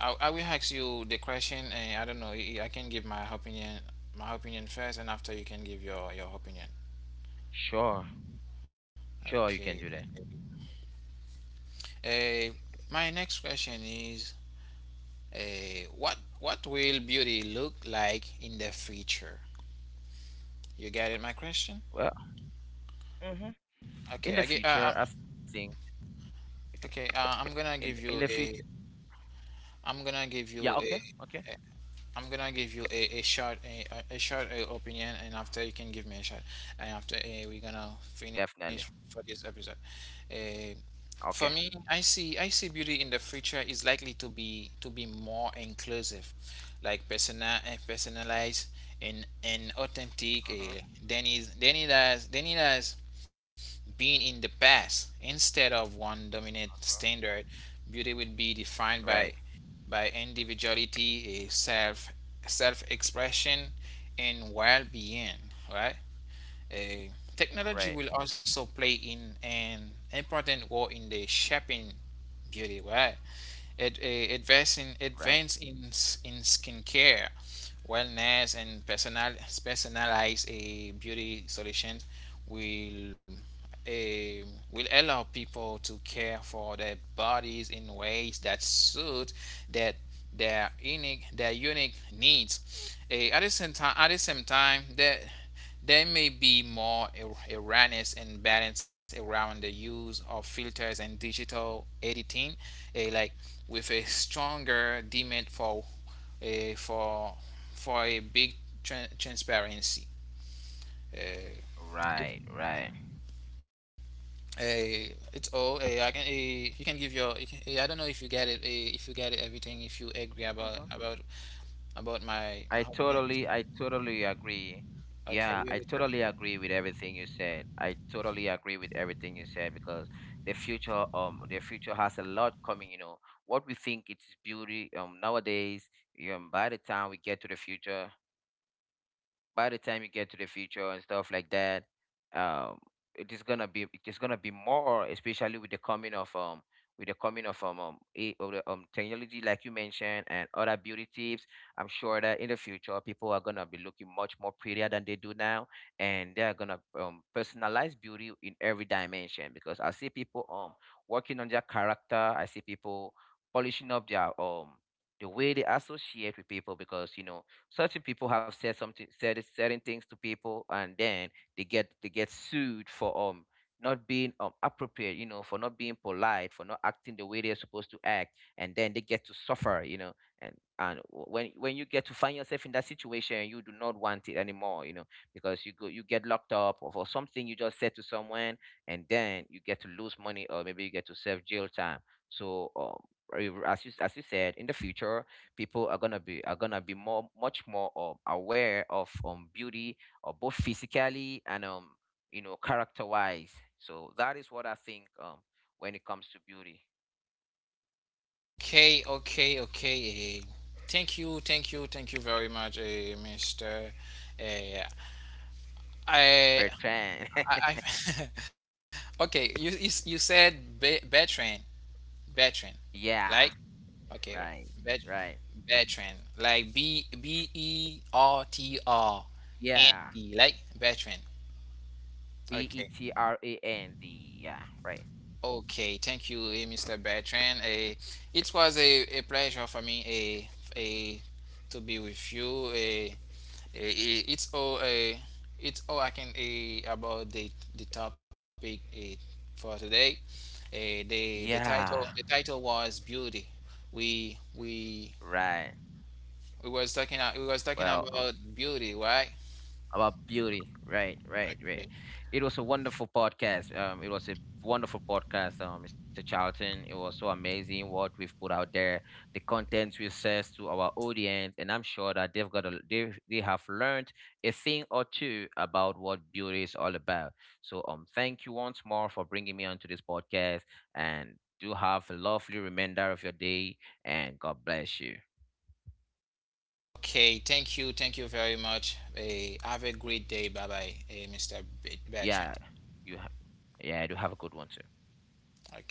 Speaker 1: I will ask you the question, and I don't know. I can give my opinion first, and after you can give your opinion.
Speaker 2: Sure, sure,
Speaker 1: Okay.
Speaker 2: you can do that.
Speaker 1: eh, my next question is, what will beauty look like in the future? You get it, my question?
Speaker 2: Well, hmm, in
Speaker 1: Okay,
Speaker 2: the
Speaker 1: I get.
Speaker 2: future, I think
Speaker 1: Okay, I'm gonna
Speaker 2: in the
Speaker 1: give you
Speaker 2: future.
Speaker 1: a. I'm gonna
Speaker 2: Yeah.
Speaker 1: give
Speaker 2: Okay.
Speaker 1: you a.
Speaker 2: Okay.
Speaker 1: I'm gonna give you a short a short opinion, and after you can give me a shot, and after we're gonna finish
Speaker 2: Definitely.
Speaker 1: for this episode. Uh, for
Speaker 2: Okay.
Speaker 1: me, I see beauty in the future is likely to be more inclusive, like personal and personalized and authentic.
Speaker 2: Hmm.
Speaker 1: Than is than it has been in the past. Instead of one dominant standard, beauty will be defined
Speaker 2: Right.
Speaker 1: by individuality, a self self expression, and well being. Right? A technology
Speaker 2: Right.
Speaker 1: will also play in an important role in the shaping beauty. Right? Advance in
Speaker 2: Right.
Speaker 1: advance in skincare, wellness, and personal personalized beauty solutions will eh, will allow people to care for their bodies in ways that suit that their unique needs. At the same time, that there may be more awareness and balance around the use of filters and digital editing, like with a stronger demand for a for for a big transparency. Uh, it,
Speaker 2: Right. Right.
Speaker 1: it's all I can you can give your you can, I don't know if you get it if you get it everything, if you agree about my opinion.
Speaker 2: I totally agree.
Speaker 1: Okay,
Speaker 2: Yeah,
Speaker 1: we
Speaker 2: I
Speaker 1: will tell
Speaker 2: totally
Speaker 1: you.
Speaker 2: agree with everything you said. I totally agree with everything you said because the future has a lot coming. You know, what we think it's beauty, nowadays, by the time we get to the future, by the time you get to the future and stuff like that, um, it is gonna be more, especially with the coming of with the coming of technology like you mentioned and other beauty tips. I'm sure that in the future people are gonna be looking much more prettier than they do now, and they are gonna personalize beauty in every dimension. Because I see people working on their character. I see people polishing up their the way they associate with people, because you know, certain people have said certain things to people, and then they get sued for not being appropriate, you know, for not being polite, for not acting the way they're supposed to act, and then they get to suffer, you know. And when you get to find yourself in that situation, you do not want it anymore, you know, because you get locked up or for something you just said to someone, and then you get to lose money, or maybe you get to serve jail time. So as you said, in the future people are gonna be more much more aware of beauty, both physically and you know, character wise. So that is what I think when it comes to beauty.
Speaker 1: Okay, okay, okay. Thank you, thank you, thank you very much, Mister. Yeah. I
Speaker 2: Bertrand.
Speaker 1: I okay. You said be, veteran. Veteran, like
Speaker 2: Yeah.
Speaker 1: okay,
Speaker 2: Right.
Speaker 1: vet,
Speaker 2: Right.
Speaker 1: veteran, like B B E R T R N
Speaker 2: Yeah.
Speaker 1: E, like veteran. Okay,
Speaker 2: Bertrand. Yeah. Right.
Speaker 1: okay, thank you, Mr. Bertrand. It was a pleasure for me a to be with you. It's all it's all I can about the topic for today. The the title
Speaker 2: Yeah.
Speaker 1: the title was beauty. We we
Speaker 2: Right.
Speaker 1: we was talking
Speaker 2: Well,
Speaker 1: about beauty, right?
Speaker 2: about beauty, right, right, right.
Speaker 1: Okay.
Speaker 2: It was a wonderful podcast, it was a wonderful podcast, Mr. Charlton. It was so amazing what we've put out there, the contents we assess to our audience, and I'm sure that they've got a, they have learned a thing or two about what beauty is all about. So thank you once more for bringing me onto this podcast, and do have a lovely remainder of your day, and God bless you.
Speaker 1: Okay, thank you very much. Have a great day. Bye bye, Mr. Bertrand.
Speaker 2: Yeah. you ha- yeah, do have a good one too.
Speaker 1: Okay.